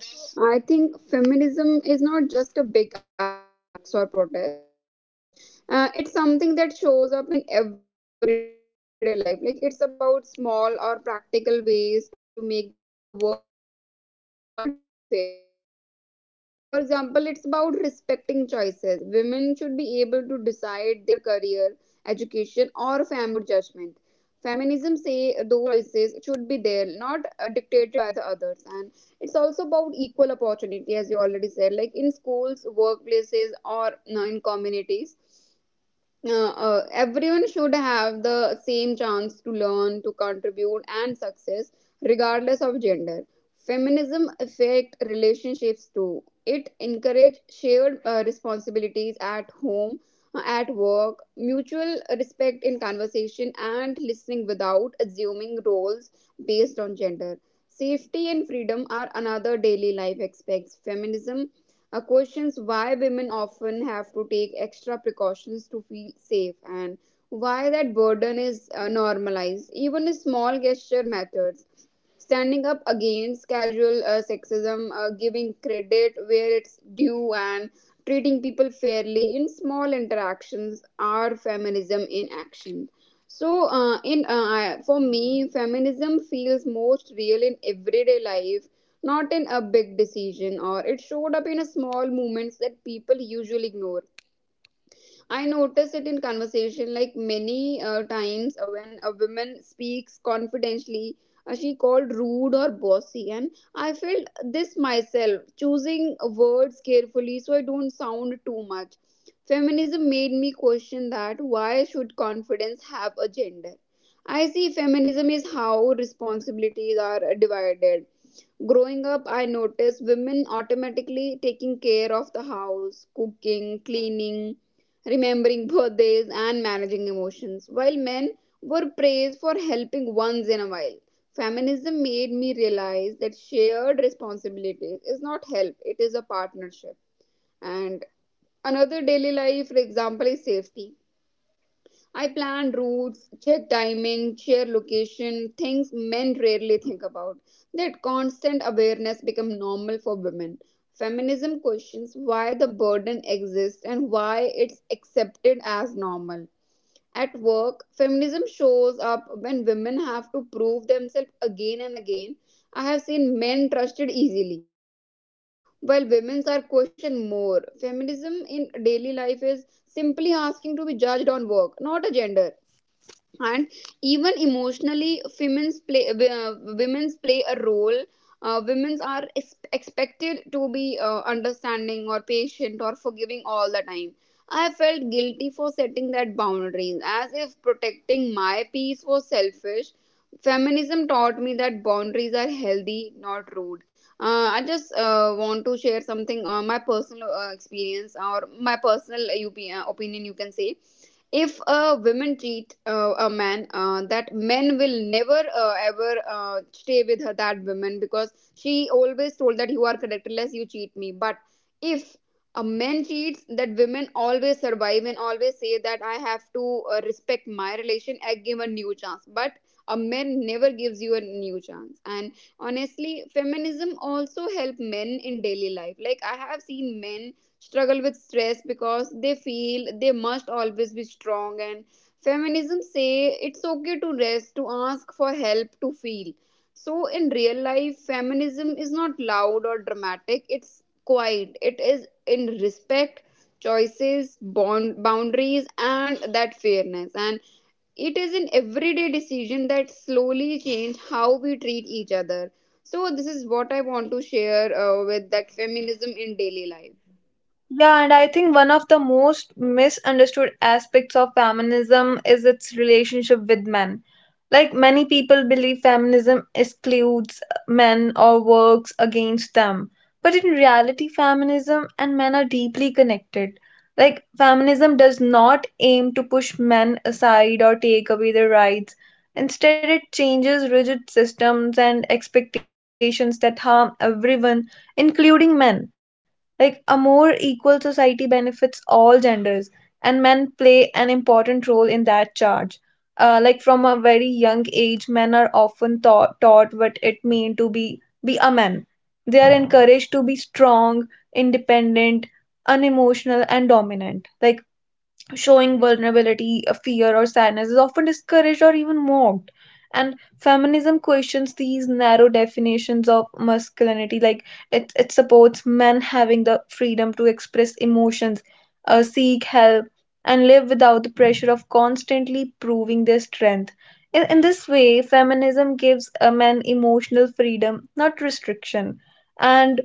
B: I think feminism is not just a big idea in books or protest. Uh, it's something that shows up in everyday life. Like, it's about small or practical ways to make the world fair. For example, it's about respecting choices. Women should be able to decide their career, education, or family life without judgment. Feminism say those choices should be there, not uh, dictated by the others. And it's also about equal opportunity, as you already said, like in schools, workplaces, or you know, in communities, uh, uh, everyone should have the same chance to learn, to contribute, and success, regardless of gender. Feminism affect relationships too. It encourage shared uh, responsibilities at home, uh, at work, mutual respect in conversation, and listening without assuming roles based on gender. Safety and freedom are another daily life aspects. Feminism uh, questions why women often have to take extra precautions to feel safe, and why that burden is uh, normalized. Even a small gesture matters: standing up against casual uh, sexism, uh, giving credit where it's due, and treating people fairly in small interactions are feminism in action. So, uh, in uh, I- for me, feminism feels most real in everyday life, not in a big decision, or it showed up in a small moments that people usually ignore. I notice it in conversation, like many uh, times uh, when a woman speaks confidentially, uh, she called rude or bossy, and I felt this myself, choosing words carefully so I don't sound too much. Feminism made me question that why should confidence have a gender? I see feminism is how responsibilities are divided. Growing up, I noticed women automatically taking care of the house, cooking, cleaning, remembering birthdays, and managing emotions, while men were praised for helping once in a while. Feminism made me realize that shared responsibilities is not help, it is a partnership. And another daily life, for example, is safety. I plan routes, check timing, share location, things men rarely think about. That constant awareness become normal for women. Feminism questions why the burden exists and why it's accepted as normal. At work, feminism shows up when women have to prove themselves again and again. I have seen men trusted easily, while women's are questioned more. Feminism in daily life is simply asking to be judged on work, not a gender. And even emotionally, women's play uh, women's play a role. Uh, women's are ex- expected to be uh, understanding or patient or forgiving all the time. I felt guilty for setting that boundaries, as if protecting my peace was selfish. Feminism taught me that boundaries are healthy, not rude. Uh, i just uh, want to share something on my personal uh, experience or my personal uh, op- uh, opinion, you can say. If a woman treat uh, a man, uh, that men will never uh, ever uh, stay with her, that woman, because she always told that you are correct unless you cheat me. But if a man cheats, that women always survive and always say that I have to uh, respect my relation, I give a new chance. But a man never gives you a new chance. And honestly, feminism also help men in daily life. Like, I have seen men struggle with stress because they feel they must always be strong, and feminism say it's okay to rest, to ask for help, to feel. So in real life, feminism is not loud or dramatic, it's quiet. It is in respect, choices, bond, boundaries, and that fairness. And it is an everyday decision that slowly change how we treat each other. So this is what I want to share uh, with that feminism in daily life.
A: Yeah, and I think one of the most misunderstood aspects of feminism is its relationship with men. Like many people believe feminism excludes men or works against them. But in reality, feminism and men are deeply connected. Like feminism does not aim to push men aside or take away their rights. Instead, it changes rigid systems and expectations that harm everyone, including men, like a more equal society benefits all genders, and men play an important role in that charge. Uh, like from a very young age, men are often taught, taught what it means to be be a man. They are encouraged to be strong, independent, unemotional, and dominant. Like showing vulnerability, uh, fear, or sadness is often discouraged or even mocked. And feminism questions these narrow definitions of masculinity, like it, it supports men having the freedom to express emotions, uh, seek help, and live without the pressure of constantly proving their strength. In, in this way, feminism gives a man emotional freedom, not restriction. And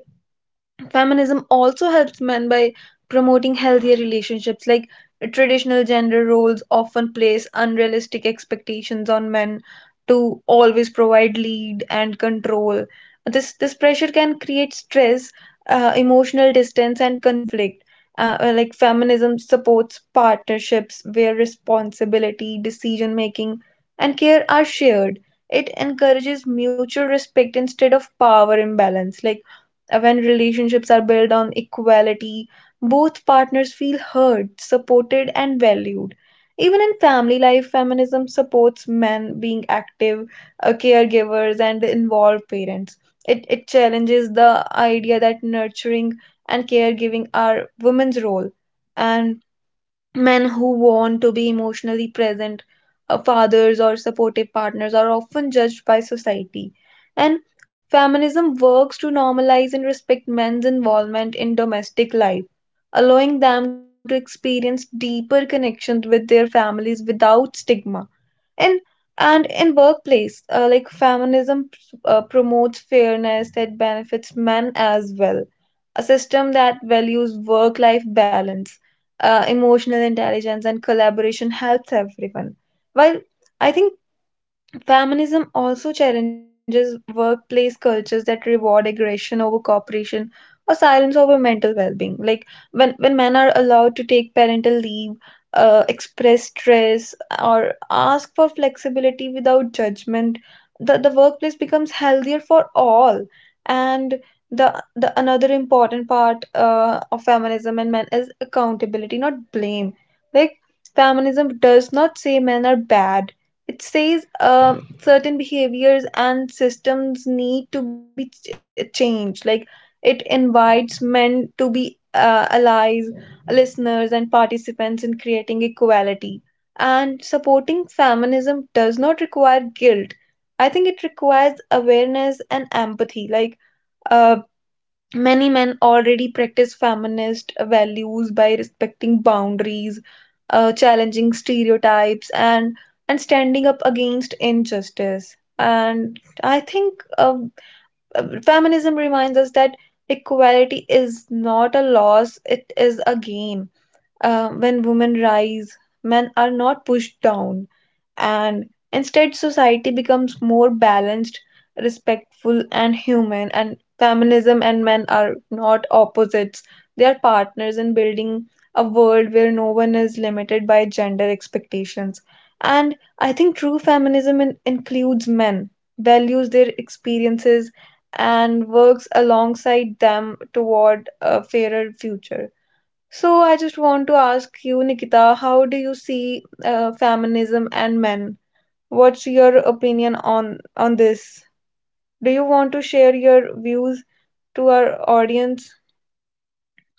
A: feminism also helps men by promoting healthier relationships, like traditional gender roles often place unrealistic expectations on men to always provide, lead, and control. This this pressure can create stress, uh, emotional distance, and conflict. Uh, uh, like feminism supports partnerships where responsibility, decision making, and care are shared. It encourages mutual respect instead of power imbalance. Like uh, when relationships are built on equality, both partners feel heard, supported, and valued. Even in family life, feminism supports men being active uh, caregivers and involved parents. It, it challenges the idea that nurturing and caregiving are women's role, and men who want to be emotionally present, uh, fathers or supportive partners, are often judged by society. And feminism works to normalize and respect men's involvement in domestic life, allowing them to experience deeper connections with their families without stigma. and and in workplace, uh, like feminism uh, promotes fairness that benefits men as well. A system that values work life balance, uh, emotional intelligence, and collaboration helps everyone, while I think feminism also challenges workplace cultures that reward aggression over cooperation or silence over mental well-being. Like when when men are allowed to take parental leave, uh, express stress, or ask for flexibility without judgment, the, the workplace becomes healthier for all. And the the another important part uh, of feminism and men is accountability, not blame. Like feminism does not say men are bad, it says uh, certain behaviors and systems need to be ch- changed. Like it invites men to be uh, allies, listeners, and participants in creating equality. And supporting feminism does not require guilt. I think it requires awareness and empathy. Like uh, many men already practice feminist values by respecting boundaries, uh, challenging stereotypes, and and standing up against injustice. And I think uh, feminism reminds us that equality is not a loss; it is a gain. Uh, When women rise, men are not pushed down, and instead, society becomes more balanced, respectful, and human. And feminism and men are not opposites, they are partners in building a world where no one is limited by gender expectations. And I think true feminism in- includes men, values their experiences, and works alongside them toward a fairer future. So I just want to ask you, Nikita, how do you see uh, feminism and men? What's
B: Yeah
A: your
B: so
A: opinion on
B: I
A: on
B: think
A: this?
B: yeah
A: Do
B: so
A: you
B: I
A: want to
B: think
A: share your views to our
B: yeah
A: audience,
B: yeah sure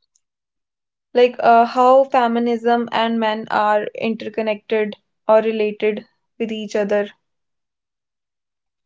B: so I
A: like
B: think the
A: uh, how feminism and men are interconnected or related with each other?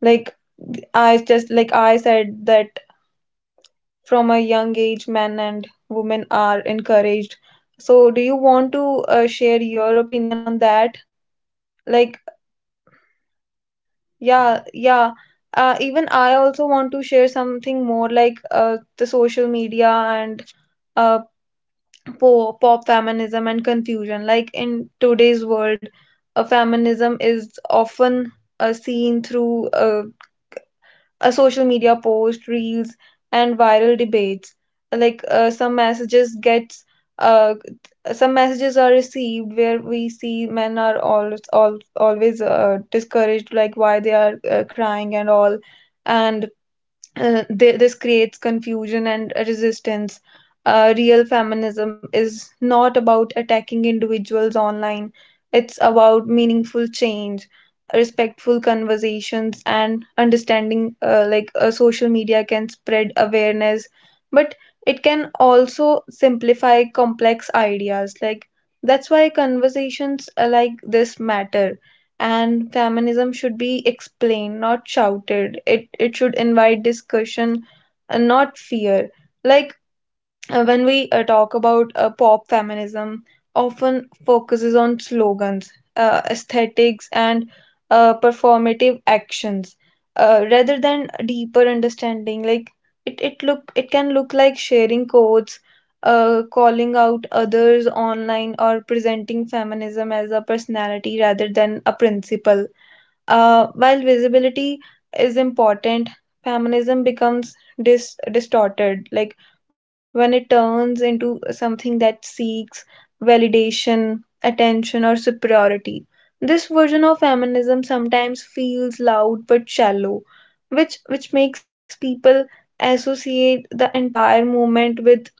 A: Like
B: Yeah. So
A: I
B: I
A: just
B: think
A: like
B: that
A: I
B: a
A: said
B: lot of
A: that
B: people think feminism
A: from a
B: is
A: young
B: about
A: age,
B: a
A: men
B: woman.
A: and
B: So
A: women are
B: that's one of the
A: encouraged.
B: biggest
A: So do you want
B: misunderstanding.
A: to uh,
B: Feminism
A: share
B: is
A: your
B: not
A: opinion on
B: anti men
A: that?
B: or it's about fame.
A: Like
B: It's always about fairness for
A: yeah, yeah.
B: everyone. In fact,
A: Uh, even I
B: men
A: also
B: benefit
A: want to share
B: from
A: something
B: feminism
A: more like
B: too.
A: uh,
B: Uh,
A: the social
B: many
A: media
B: social
A: and
B: rules uh, put
A: uh,
B: pressure on men in
A: po
B: a
A: pop
B: way
A: feminism
B: people
A: and
B: rarely
A: confusion. Like
B: notice. For
A: in
B: example,
A: today's
B: uh,
A: world,
B: men are
A: uh,
B: often
A: feminism is
B: expected to uh,
A: often uh, seen
B: always be
A: through uh,
B: strong, never show
A: a social
B: emotions,
A: media
B: always
A: post, reels,
B: provide
A: and
B: financially,
A: viral
B: and never
A: debates.
B: ask for help.
A: Like uh, some
B: So,
A: messages
B: these
A: gets
B: expectations
A: uh,
B: can be
A: some messages are
B: exhausting and
A: received where we
B: limiting.
A: see men are
B: Feminism
A: always al
B: changes those
A: always uh,
B: unfair rules.
A: discouraged, like why they are
B: Feminism
A: uh,
B: courage
A: crying and all.
B: men to
A: And
B: feeling without
A: uh, th- this
B: judgment,
A: creates
B: share
A: confusion and
B: responsibilities at
A: resistance.
B: home,
A: Uh, real
B: and
A: feminism
B: uh,
A: is not
B: participate
A: about attacking
B: equally in uh,
A: individuals online,
B: relationships.
A: it's
B: Uh,
A: about
B: it says
A: meaningful
B: men don't
A: change,
B: have to fix a
A: respectful
B: rigid mold
A: conversations,
B: to be
A: and
B: valued.
A: understanding.
B: So
A: Uh, like uh,
B: uh,
A: social
B: like,
A: media
B: it
A: can
B: also
A: spread
B: help men
A: awareness,
B: in
A: but
B: workplace, it
A: it can
B: just like
A: also
B: women
A: simplify
B: should not be
A: complex
B: limited by
A: ideas. Like
B: gender,
A: that's why
B: men should
A: conversations
B: be
A: uh, like
B: restricted
A: this
B: by
A: matter,
B: outdated
A: and
B: ideas
A: feminism
B: of
A: should
B: what
A: be
B: they should do.
A: explained, not
B: Encouraging
A: shouted. It it
B: equality
A: should invite
B: creates healthier
A: discussion
B: work
A: and not
B: environment
A: fear.
B: where
A: Like
B: everyone
A: uh,
B: ideas
A: when
B: are
A: we uh, talk
B: respected
A: about
B: and
A: uh, pop
B: nobody is
A: feminism,
B: judged for the
A: often
B: uh,
A: focuses
B: for
A: on
B: their gender.
A: slogans,
B: And I
A: uh,
B: have noticed
A: aesthetics,
B: that
A: and uh,
B: feminism uh,
A: performative
B: does not just
A: actions,
B: help
A: uh,
B: women, it
A: rather than
B: also
A: deeper
B: changes how
A: understanding.
B: men
A: Like
B: live, and
A: it,
B: I
A: it
B: have
A: look
B: seen
A: it
B: it
A: can
B: my
A: look
B: own
A: like
B: life.
A: sharing
B: For
A: quotes,
B: example, some of
A: uh,
B: my male
A: calling
B: friends
A: out
B: used
A: others
B: to uh,
A: online,
B: feel they
A: or
B: always
A: presenting
B: had to be
A: feminism
B: tough
A: as a
B: and never
A: personality
B: show
A: rather than
B: emotions.
A: a
B: If they got
A: principle.
B: stressed or
A: Uh,
B: sad,
A: while
B: they felt
A: visibility is
B: embarrassed to share
A: important,
B: it. Over the
A: feminism
B: time, I
A: becomes
B: realized
A: dis-
B: feminism helped
A: distorted,
B: me
A: like
B: and
A: when it
B: them
A: turns into
B: understand that
A: something that
B: emotions are
A: seeks
B: human, not gendered.
A: validation,
B: Men
A: attention,
B: can
A: or
B: be vulnerable,
A: superiority.
B: and
A: This
B: that's
A: version of
B: okay.
A: feminism
B: Uh,
A: sometimes
B: at work, I
A: feels
B: have
A: loud
B: seen
A: but
B: men
A: shallow,
B: also feel
A: which
B: pressure
A: which
B: to
A: makes
B: always
A: people
B: take leadership roles
A: associate
B: or
A: the
B: do
A: entire
B: certain
A: movement
B: tasks
A: with
B: because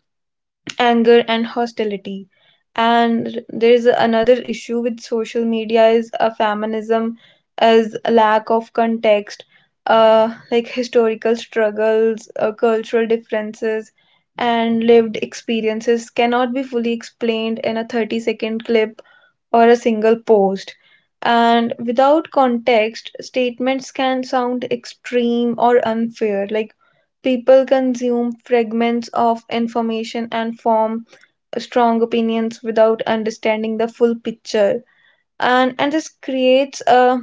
B: what men
A: anger
B: do.
A: and hostility.
B: Feminism taught me and
A: And there
B: those
A: is
B: around
A: another
B: me that
A: issue with
B: fairness
A: social
B: is not
A: media
B: about
A: is a
B: replacing
A: feminism
B: roles, it's
A: as
B: about
A: a
B: sharing
A: lack of
B: them,
A: context.
B: because men
A: Uh,
B: should
A: Like
B: not be trapped
A: historical
B: in expectation,
A: struggles,
B: just
A: uh,
B: like just
A: cultural
B: like women,
A: differences,
B: and
A: and
B: just like
A: lived
B: women should
A: experiences
B: not be. And
A: cannot be
B: even
A: fully
B: in friendship
A: explained in
B: or
A: a 30 second
B: relationships,
A: clip
B: I have
A: or a single
B: noticed that
A: post.
B: when uh,
A: And
B: equality
A: without
B: is
A: context,
B: respected,
A: statements
B: men uh,
A: can sound
B: fear like
A: extreme
B: uh,
A: or
B: uh,
A: unfair.
B: men
A: Like
B: uh, fear
A: people
B: free too,
A: consume
B: and this
A: fragments
B: can
A: of
B: help at home
A: information and
B: without
A: form
B: being judged,
A: strong
B: uh,
A: opinions
B: talked about
A: without
B: mental
A: understanding
B: health
A: the full
B: without
A: picture.
B: shame, or sh- a
A: And
B: step
A: and this
B: back when
A: creates
B: needed.
A: a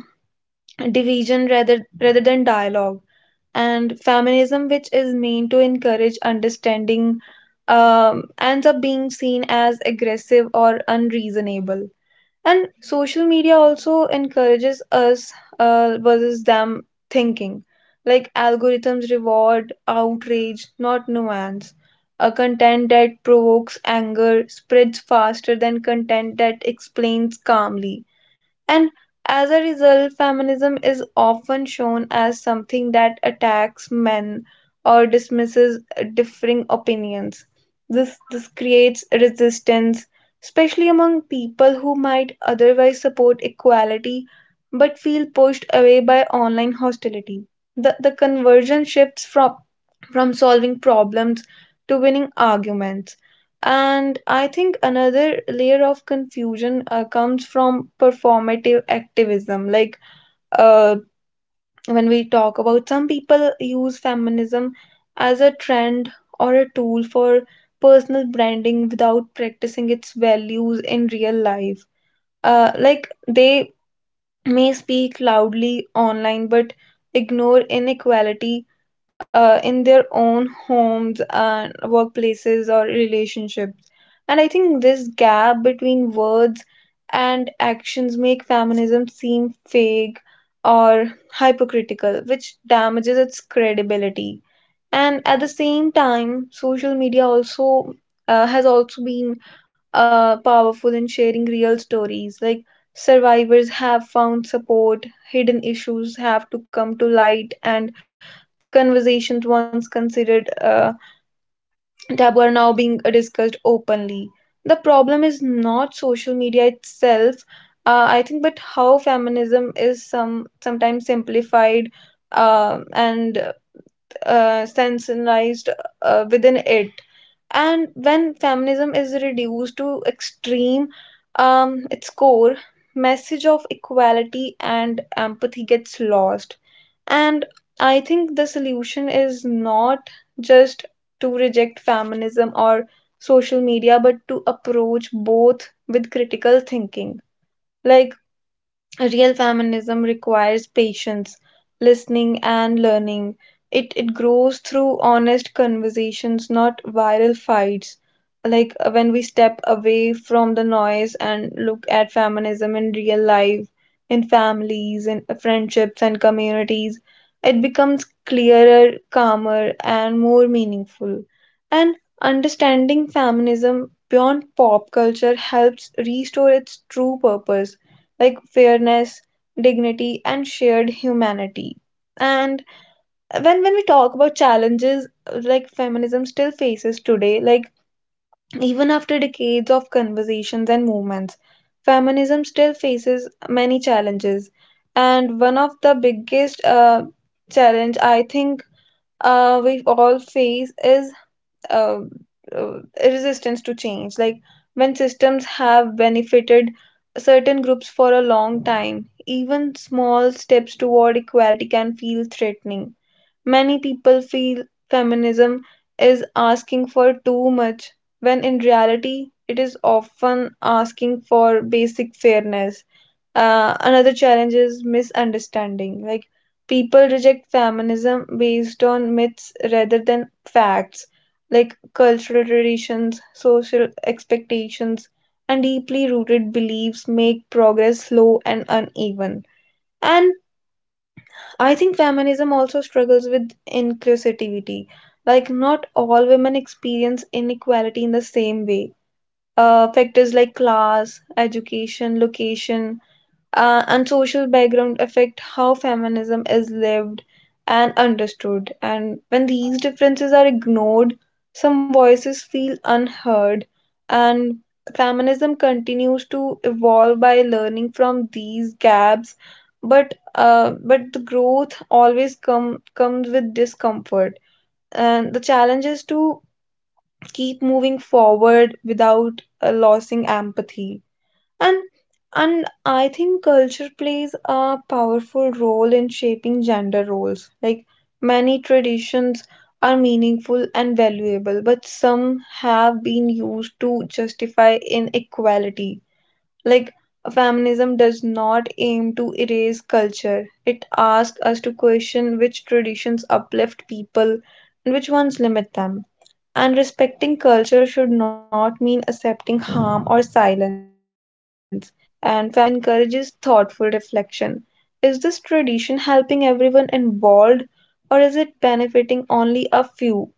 B: uh, And that's a
A: division
B: part
A: rather
B: of
A: rather than
B: feminism too,
A: dialogue.
B: and it
A: And
B: benefits
A: feminism, which
B: everyone,
A: is
B: uh,
A: meant to
B: not just
A: encourage
B: women. For
A: understanding,
B: my experience,
A: um, ends up
B: feminism
A: being
B: is
A: seen
B: not a
A: as
B: battle
A: aggressive or
B: between gender,
A: unreasonable.
B: it's about
A: And
B: removing
A: social media
B: unfair
A: also
B: rules for
A: encourages
B: both
A: us
B: sides
A: uh,
B: and
A: versus
B: creating
A: them
B: space for
A: thinking,
B: each other.
A: like
B: Uh,
A: algorithms
B: equality.
A: reward
B: And uh,
A: outrage
B: like
A: not
B: uh, for
A: nuance.
B: instance,
A: A
B: uh, I,
A: content
B: I
A: that provokes
B: everything like in,
A: anger
B: even in
A: spreads
B: friendship
A: faster
B: and
A: than content
B: relationships,
A: that explains
B: feminism makes
A: calmly.
B: simpler. Like, I
A: And
B: have seen uh,
A: as a
B: men
A: result,
B: feels
A: feminism
B: less
A: is
B: touched when they
A: often shown
B: express
A: as
B: emotions
A: something
B: or
A: that
B: say no
A: attacks
B: to
A: men
B: traditional
A: or
B: expectations or
A: dismisses
B: share
A: differing
B: responsibility
A: opinions.
B: equal uh,
A: This,
B: equally.
A: this
B: Uh, it
A: creates
B: removes
A: resistance,
B: pressure, uh, which
A: especially among
B: ironically
A: people
B: makes
A: who
B: them
A: might
B: more relaxed
A: otherwise
B: or
A: support
B: confident and
A: equality
B: happier.
A: but
B: And for
A: feel
B: my
A: pushed away by
B: perspectives,
A: online
B: feminism is
A: hostility.
B: not
A: The,
B: about
A: the
B: dividing
A: conversion
B: people into
A: shifts from,
B: sides, it's
A: from
B: about
A: solving problems
B: removing vis-
A: to winning
B: invisible rules
A: arguments.
B: that limit both
A: And I
B: women
A: think
B: and men.
A: another layer
B: And
A: of
B: it's about
A: confusion
B: creating
A: uh, comes
B: freedom.
A: from
B: Women
A: performative
B: can speak up
A: activism. Like
B: without fear, and
A: uh,
B: men can be
A: when we
B: human
A: talk about
B: without
A: some people
B: judgment.
A: use
B: So that's
A: feminism
B: the beauty
A: as
B: of
A: a
B: it. And
A: trend or
B: honestly,
A: a tool
B: once
A: for
B: the, I
A: personal
B: started seeing
A: branding
B: this,
A: without
B: I
A: practicing its
B: realized fem,
A: values in
B: feminism
A: real
B: is one
A: life.
B: of the most
A: Uh, like
B: inclusive movement,
A: they
B: and it does
A: may
B: not
A: speak
B: uh, f-
A: loudly
B: uh, just
A: online
B: fight for
A: but
B: women; it
A: ignore
B: fight for fairness,
A: inequality uh, in
B: humanity,
A: their
B: and
A: own
B: balance for
A: homes
B: everyone.
A: and
B: So this is my
A: workplaces or
B: opinion on
A: relationships.
B: feminism
A: And I think this gap between words
B: that I
A: and
B: want to share
A: actions
B: with
A: make
B: you.
A: feminism seem fake
B: Yeah.
A: or
B: So,
A: hypocritical, which
B: uh, as
A: damages
B: you
A: its
B: have that, that
A: credibility.
B: social media,
A: And at
B: or
A: the
B: like
A: same
B: uh,
A: time
B: pop
A: social
B: or
A: media
B: like
A: also
B: pop
A: uh, has
B: feminism
A: also
B: and
A: been
B: that confusion,
A: uh,
B: I think
A: powerful
B: many
A: in
B: of us
A: sharing
B: are
A: real
B: there
A: stories, like
B: facing that
A: survivors
B: situation
A: have
B: same. Like,
A: found support,
B: social media
A: hidden
B: has
A: issues have to
B: completely
A: come to
B: changed how
A: light,
B: we see
A: and
B: feminism.
A: conversations once
B: Honestly, it's
A: considered
B: a
A: uh,
B: double edged sword.
A: taboo are
B: On
A: now
B: one
A: being
B: hand,
A: discussed
B: social media
A: openly. The
B: spreads
A: problem is
B: like uh,
A: not
B: many
A: social
B: things,
A: media
B: and
A: itself,
B: uh, but
A: uh,
B: on
A: I
B: the
A: think,
B: other
A: but
B: hand,
A: how
B: social media
A: feminism
B: can
A: is some
B: also create
A: sometimes
B: confusion.
A: simplified
B: There is a lot
A: um
B: of
A: and
B: pop feminism, yeah,
A: uh,
B: quick
A: sensationalized
B: quotes,
A: uh,
B: memes,
A: within it.
B: viral posts
A: And
B: that
A: when
B: don't
A: feminism
B: always
A: is
B: explain
A: reduced
B: the
A: to
B: deeper issues.
A: extreme,
B: Sometimes
A: um,
B: people
A: its
B: share a
A: core
B: feminist
A: message of
B: quote just to
A: equality
B: look
A: and
B: trendy
A: empathy gets
B: without
A: lost.
B: really understanding
A: And
B: it, and I
A: I
B: have
A: think the
B: seen
A: solution
B: debates
A: is
B: only where
A: not
B: some uh,
A: just
B: someone
A: to
B: gets uh,
A: reject
B: called
A: feminism or
B: anti-feminist and
A: social
B: for
A: media, but
B: asking
A: to
B: a simple
A: approach
B: question,
A: both
B: that
A: with
B: makes the
A: critical
B: whole
A: thinking.
B: idea seems
A: Like
B: uh, completed.
A: real
B: And I think
A: feminism
B: uh,
A: requires
B: every um,
A: patience,
B: personally, I have
A: listening, and
B: noticed
A: learning.
B: myself
A: It it
B: getting uh,
A: grows through
B: frustrated
A: honest
B: scrolling sometime,
A: conversations, not
B: a
A: viral
B: small
A: fights.
B: discussion uh,
A: Like uh,
B: uh,
A: when we
B: changes
A: step
B: into
A: away
B: a
A: from the
B: fight.
A: noise
B: Or
A: and look at
B: I have talked
A: feminism
B: to
A: in real
B: friends
A: life,
B: who
A: in
B: quietly practice
A: families, in
B: feminist
A: friendships and
B: values in uh,
A: communities,
B: daily
A: it
B: life,
A: becomes
B: but they told
A: clearer,
B: uh,
A: calmer,
B: avoid uh,
A: and more
B: using the word
A: meaningful.
B: because they
A: And
B: don't want to
A: understanding
B: judge or
A: feminism beyond
B: misunderstood
A: pop
B: online.
A: culture helps
B: Social media
A: restore
B: is
A: its true
B: about like
A: purpose, like
B: highlighting extreme
A: fairness,
B: things, and
A: dignity, and shared
B: and the things like
A: humanity.
B: everyone
A: And
B: have their in
A: when
B: um,
A: when we talk
B: means,
A: about
B: social media
A: challenges uh,
B: also
A: like
B: highlight
A: feminism
B: ex-
A: still
B: uh,
A: faces
B: highlights
A: today, like
B: extremes. The
A: even
B: loudest
A: after
B: voice
A: decades of
B: get all the
A: conversations and
B: attention,
A: movements,
B: that make
A: feminism still
B: feminism
A: faces
B: feel like
A: many
B: it's all
A: challenges.
B: anger and
A: And one of
B: conflict.
A: the
B: In
A: biggest
B: reality,
A: uh,
B: most people
A: challenge
B: just
A: I think
B: wanted to
A: uh,
B: fairness,
A: we
B: and
A: all
B: uh,
A: face is
B: l- like
A: uh,
B: equality with them.
A: uh,
B: So uh,
A: resistance to
B: these
A: change.
B: are
A: Like
B: the
A: when
B: things we
A: systems
B: have
A: have
B: covered. And
A: benefited
B: after
A: certain
B: everything we
A: groups
B: have
A: for a
B: talked
A: long
B: about,
A: time,
B: here's the
A: even
B: truth:
A: small steps
B: feminism
A: toward
B: is not a
A: equality can
B: fight,
A: feel
B: not a
A: threatening.
B: threat, and not
A: Many
B: about
A: people
B: replacing
A: feel
B: anyone. It's
A: feminism
B: about
A: is
B: fairness,
A: asking
B: it's
A: for
B: about
A: too
B: making
A: much
B: sure
A: when in
B: everyone,
A: reality it is
B: women, men,
A: often
B: anyone,
A: asking
B: has the
A: for
B: same
A: basic
B: opportunity,
A: fairness.
B: respect,
A: Uh,
B: and
A: another
B: freedom.
A: challenge is
B: It's about
A: misunderstanding.
B: questioning
A: Like
B: rules that
A: people reject
B: limit people,
A: feminism
B: where it
A: based
B: in
A: on myths
B: workplace,
A: rather than
B: home,
A: facts,
B: relationships, and
A: like
B: even in
A: cultural
B: your own
A: traditions,
B: minds.
A: social
B: So uh, these
A: expectations,
B: things
A: and
B: uh, should
A: deeply
B: be
A: rooted
B: uh, in-
A: beliefs make
B: encouraged. Or
A: progress slow
B: social
A: and
B: media
A: uneven.
B: can make it uh,
A: And
B: look confusing or
A: I think
B: extreme,
A: feminism
B: but at
A: also
B: its
A: struggles
B: core,
A: with
B: feminism is
A: inclusivity.
B: simple and
A: Like not
B: human.
A: all
B: It's
A: women
B: for
A: experience
B: asking a world
A: inequality
B: where
A: in the same
B: gender
A: way.
B: does not decide your
A: Uh,
B: worth.
A: factors like
B: So
A: class,
B: uh, thank you so much
A: education,
B: everyone for
A: location,
B: joining us
A: uh,
B: today
A: and social
B: and uh,
A: background
B: having a
A: affect
B: uh,
A: how
B: wonderful
A: feminism
B: day with
A: is
B: you all.
A: lived
B: And
A: and
B: till then, take
A: understood.
B: care,
A: And
B: and
A: when
B: bye
A: these
B: bye.
A: differences are ignored, some voices feel unheard, and feminism continues to evolve by learning from these gaps. But uh, but the growth always come comes with discomfort, and the challenge is to keep moving forward without uh, losing empathy and and i think culture plays a powerful role in shaping gender roles. Like many traditions are meaningful and valuable, but some have been used to justify inequality. Like feminism does not aim to erase culture, it asks us to question which traditions uplift people and which ones limit them, and respecting culture should not mean accepting harm or silence. And feminism encourages thoughtful reflection. Is this tradition helping everyone involved, or is it benefiting only a few?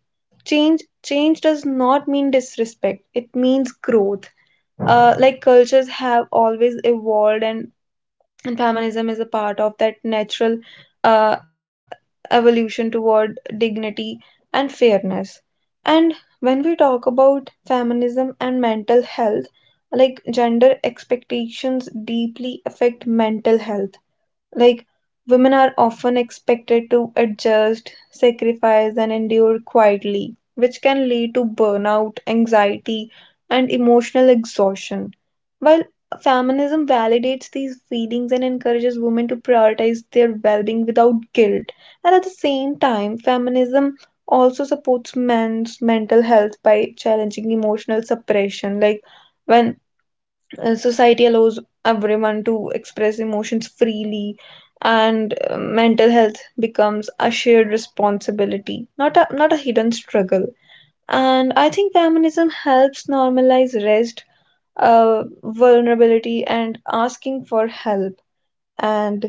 A: Change change does not mean disrespect. It means growth. Uh, like cultures have always evolved, and and feminism is a part of that natural uh, evolution toward dignity and fairness. And when we talk about feminism and mental health, like gender expectations deeply affect mental health. like, Women are often expected to adjust, sacrifice, and endure quietly, which can lead to burnout, anxiety, and emotional exhaustion. While feminism validates these feelings and encourages women to prioritize their well being without guilt, and at the same time, feminism also supports men's mental health by challenging emotional suppression. Like, when uh, society allows everyone to express emotions freely, and uh, mental health becomes a shared responsibility, not a not a hidden struggle. And I think feminism helps normalize rest, uh, vulnerability, and asking for help. And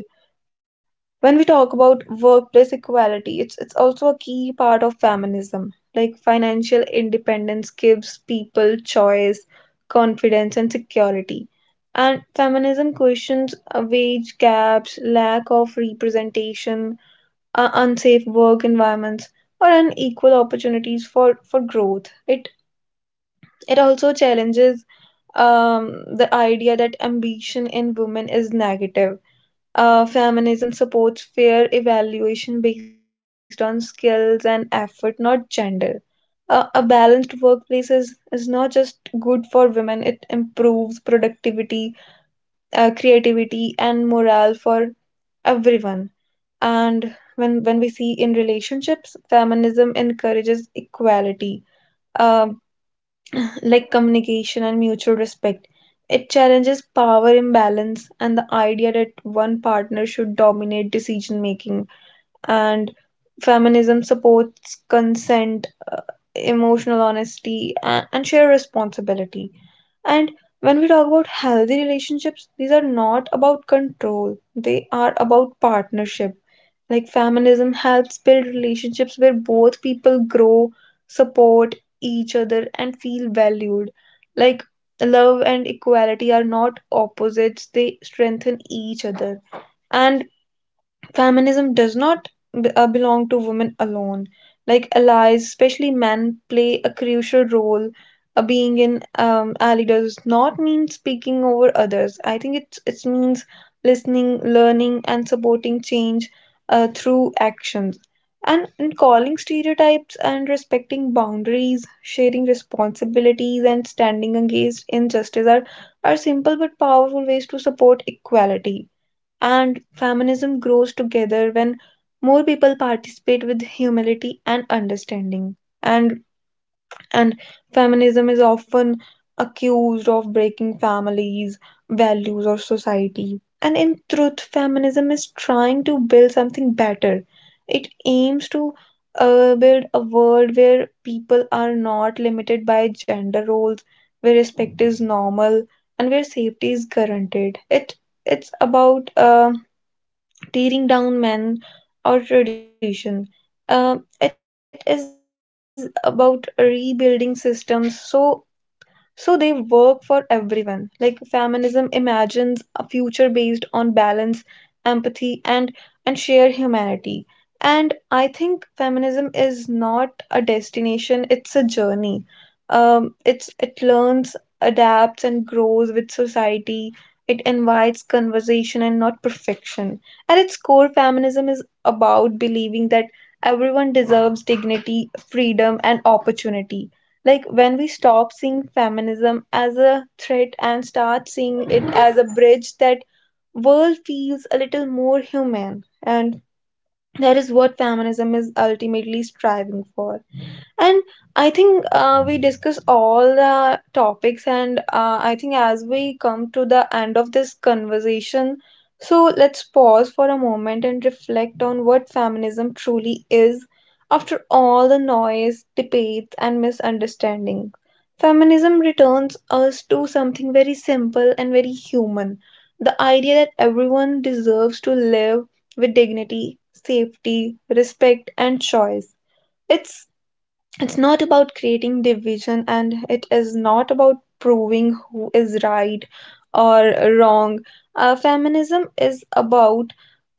A: when we talk about workplace equality, it's it's also a key part of feminism. Like financial independence gives people choice, confidence, and security. And feminism questions uh, wage gaps, lack of representation, uh, unsafe work environments, or unequal opportunities for for growth. It it also challenges um, the idea that ambition in women is negative. Uh, feminism supports fair evaluation based on skills and effort, not gender. A, a balanced workplace is, is not just good for women, it improves productivity, uh, creativity, and morale for everyone. And when, when we see in relationships, feminism encourages equality, um, like communication and mutual respect. It challenges power imbalance and the idea that one partner should dominate decision making, and feminism supports consent, emotional honesty, a- and shared responsibility. And when we talk about healthy relationships, these are not about control, they are about partnership. Like feminism helps build relationships where both people grow, support each other, and feel valued. Like love and equality are not opposites, they strengthen each other. And feminism does not b- uh, belong to women alone. Like allies, especially men, play a crucial role. Uh, being an um, ally does not mean speaking over others. I think it's it means listening, learning, and supporting change uh, through actions. And, and calling stereotypes and respecting boundaries, sharing responsibilities, and standing against injustice are, are simple but powerful ways to support equality. And feminism grows together when more people participate with humility and understanding. And and feminism is often accused of breaking families, values, or society, and in truth feminism is trying to build something better. It aims to uh, build a world where people are not limited by gender roles, where respect is normal, and where safety is guaranteed. It it's about uh, tearing down men or tradition. Uh, it is about rebuilding systems so so they work for everyone. Like feminism imagines a future based on balance, empathy, and and shared humanity. And I think feminism is not a destination; it's a journey. Um, it's it learns, adapts, and grows with society. It invites conversation and not perfection. At its core, feminism is about believing that everyone deserves dignity, freedom, and opportunity. Like when we stop seeing feminism as a threat and start seeing it as a bridge, that world feels a little more human, and that is what feminism is ultimately striving for. And I think uh, we discuss all the topics, and uh, I think as we come to the end of this conversation, so let's pause for a moment and reflect on what feminism truly is. After all the noise, debates, and misunderstanding, feminism returns us to something very simple and very human, the idea that everyone deserves to live with dignity, safety, respect, and choice. It's it's not about creating division, and it is not about proving who is right or wrong. Uh, feminism is about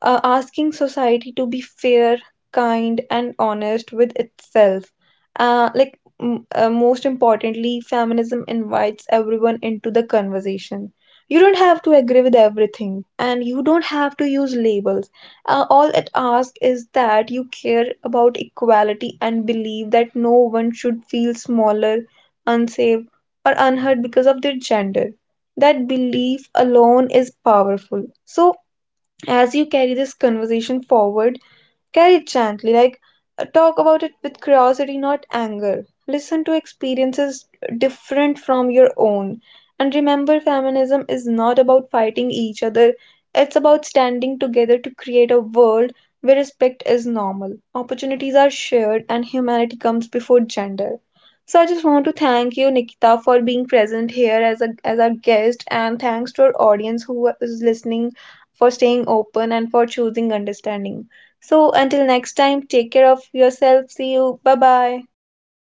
A: uh, asking society to be fair, kind, and honest with itself. Uh, like, m- uh, most importantly, feminism invites everyone into the conversation. You don't have to agree with everything, and you don't have to use labels. Uh, all it asks is that you care about equality and believe that no one should feel smaller, unsafe, or unheard because of their gender. That belief alone is powerful. So, as you carry this conversation forward, carry it gently. Like uh, talk about it with curiosity, not anger. Listen to experiences different from your own. And remember, feminism is not about fighting each other, it's about standing together to create a world where respect is normal, opportunities are shared, and humanity comes before gender. So I just want to thank you, Nikita, for being present here as a as our guest, and thanks to our audience who is listening, for staying open and for choosing understanding. So until next time, take care of yourself. See you. Bye bye.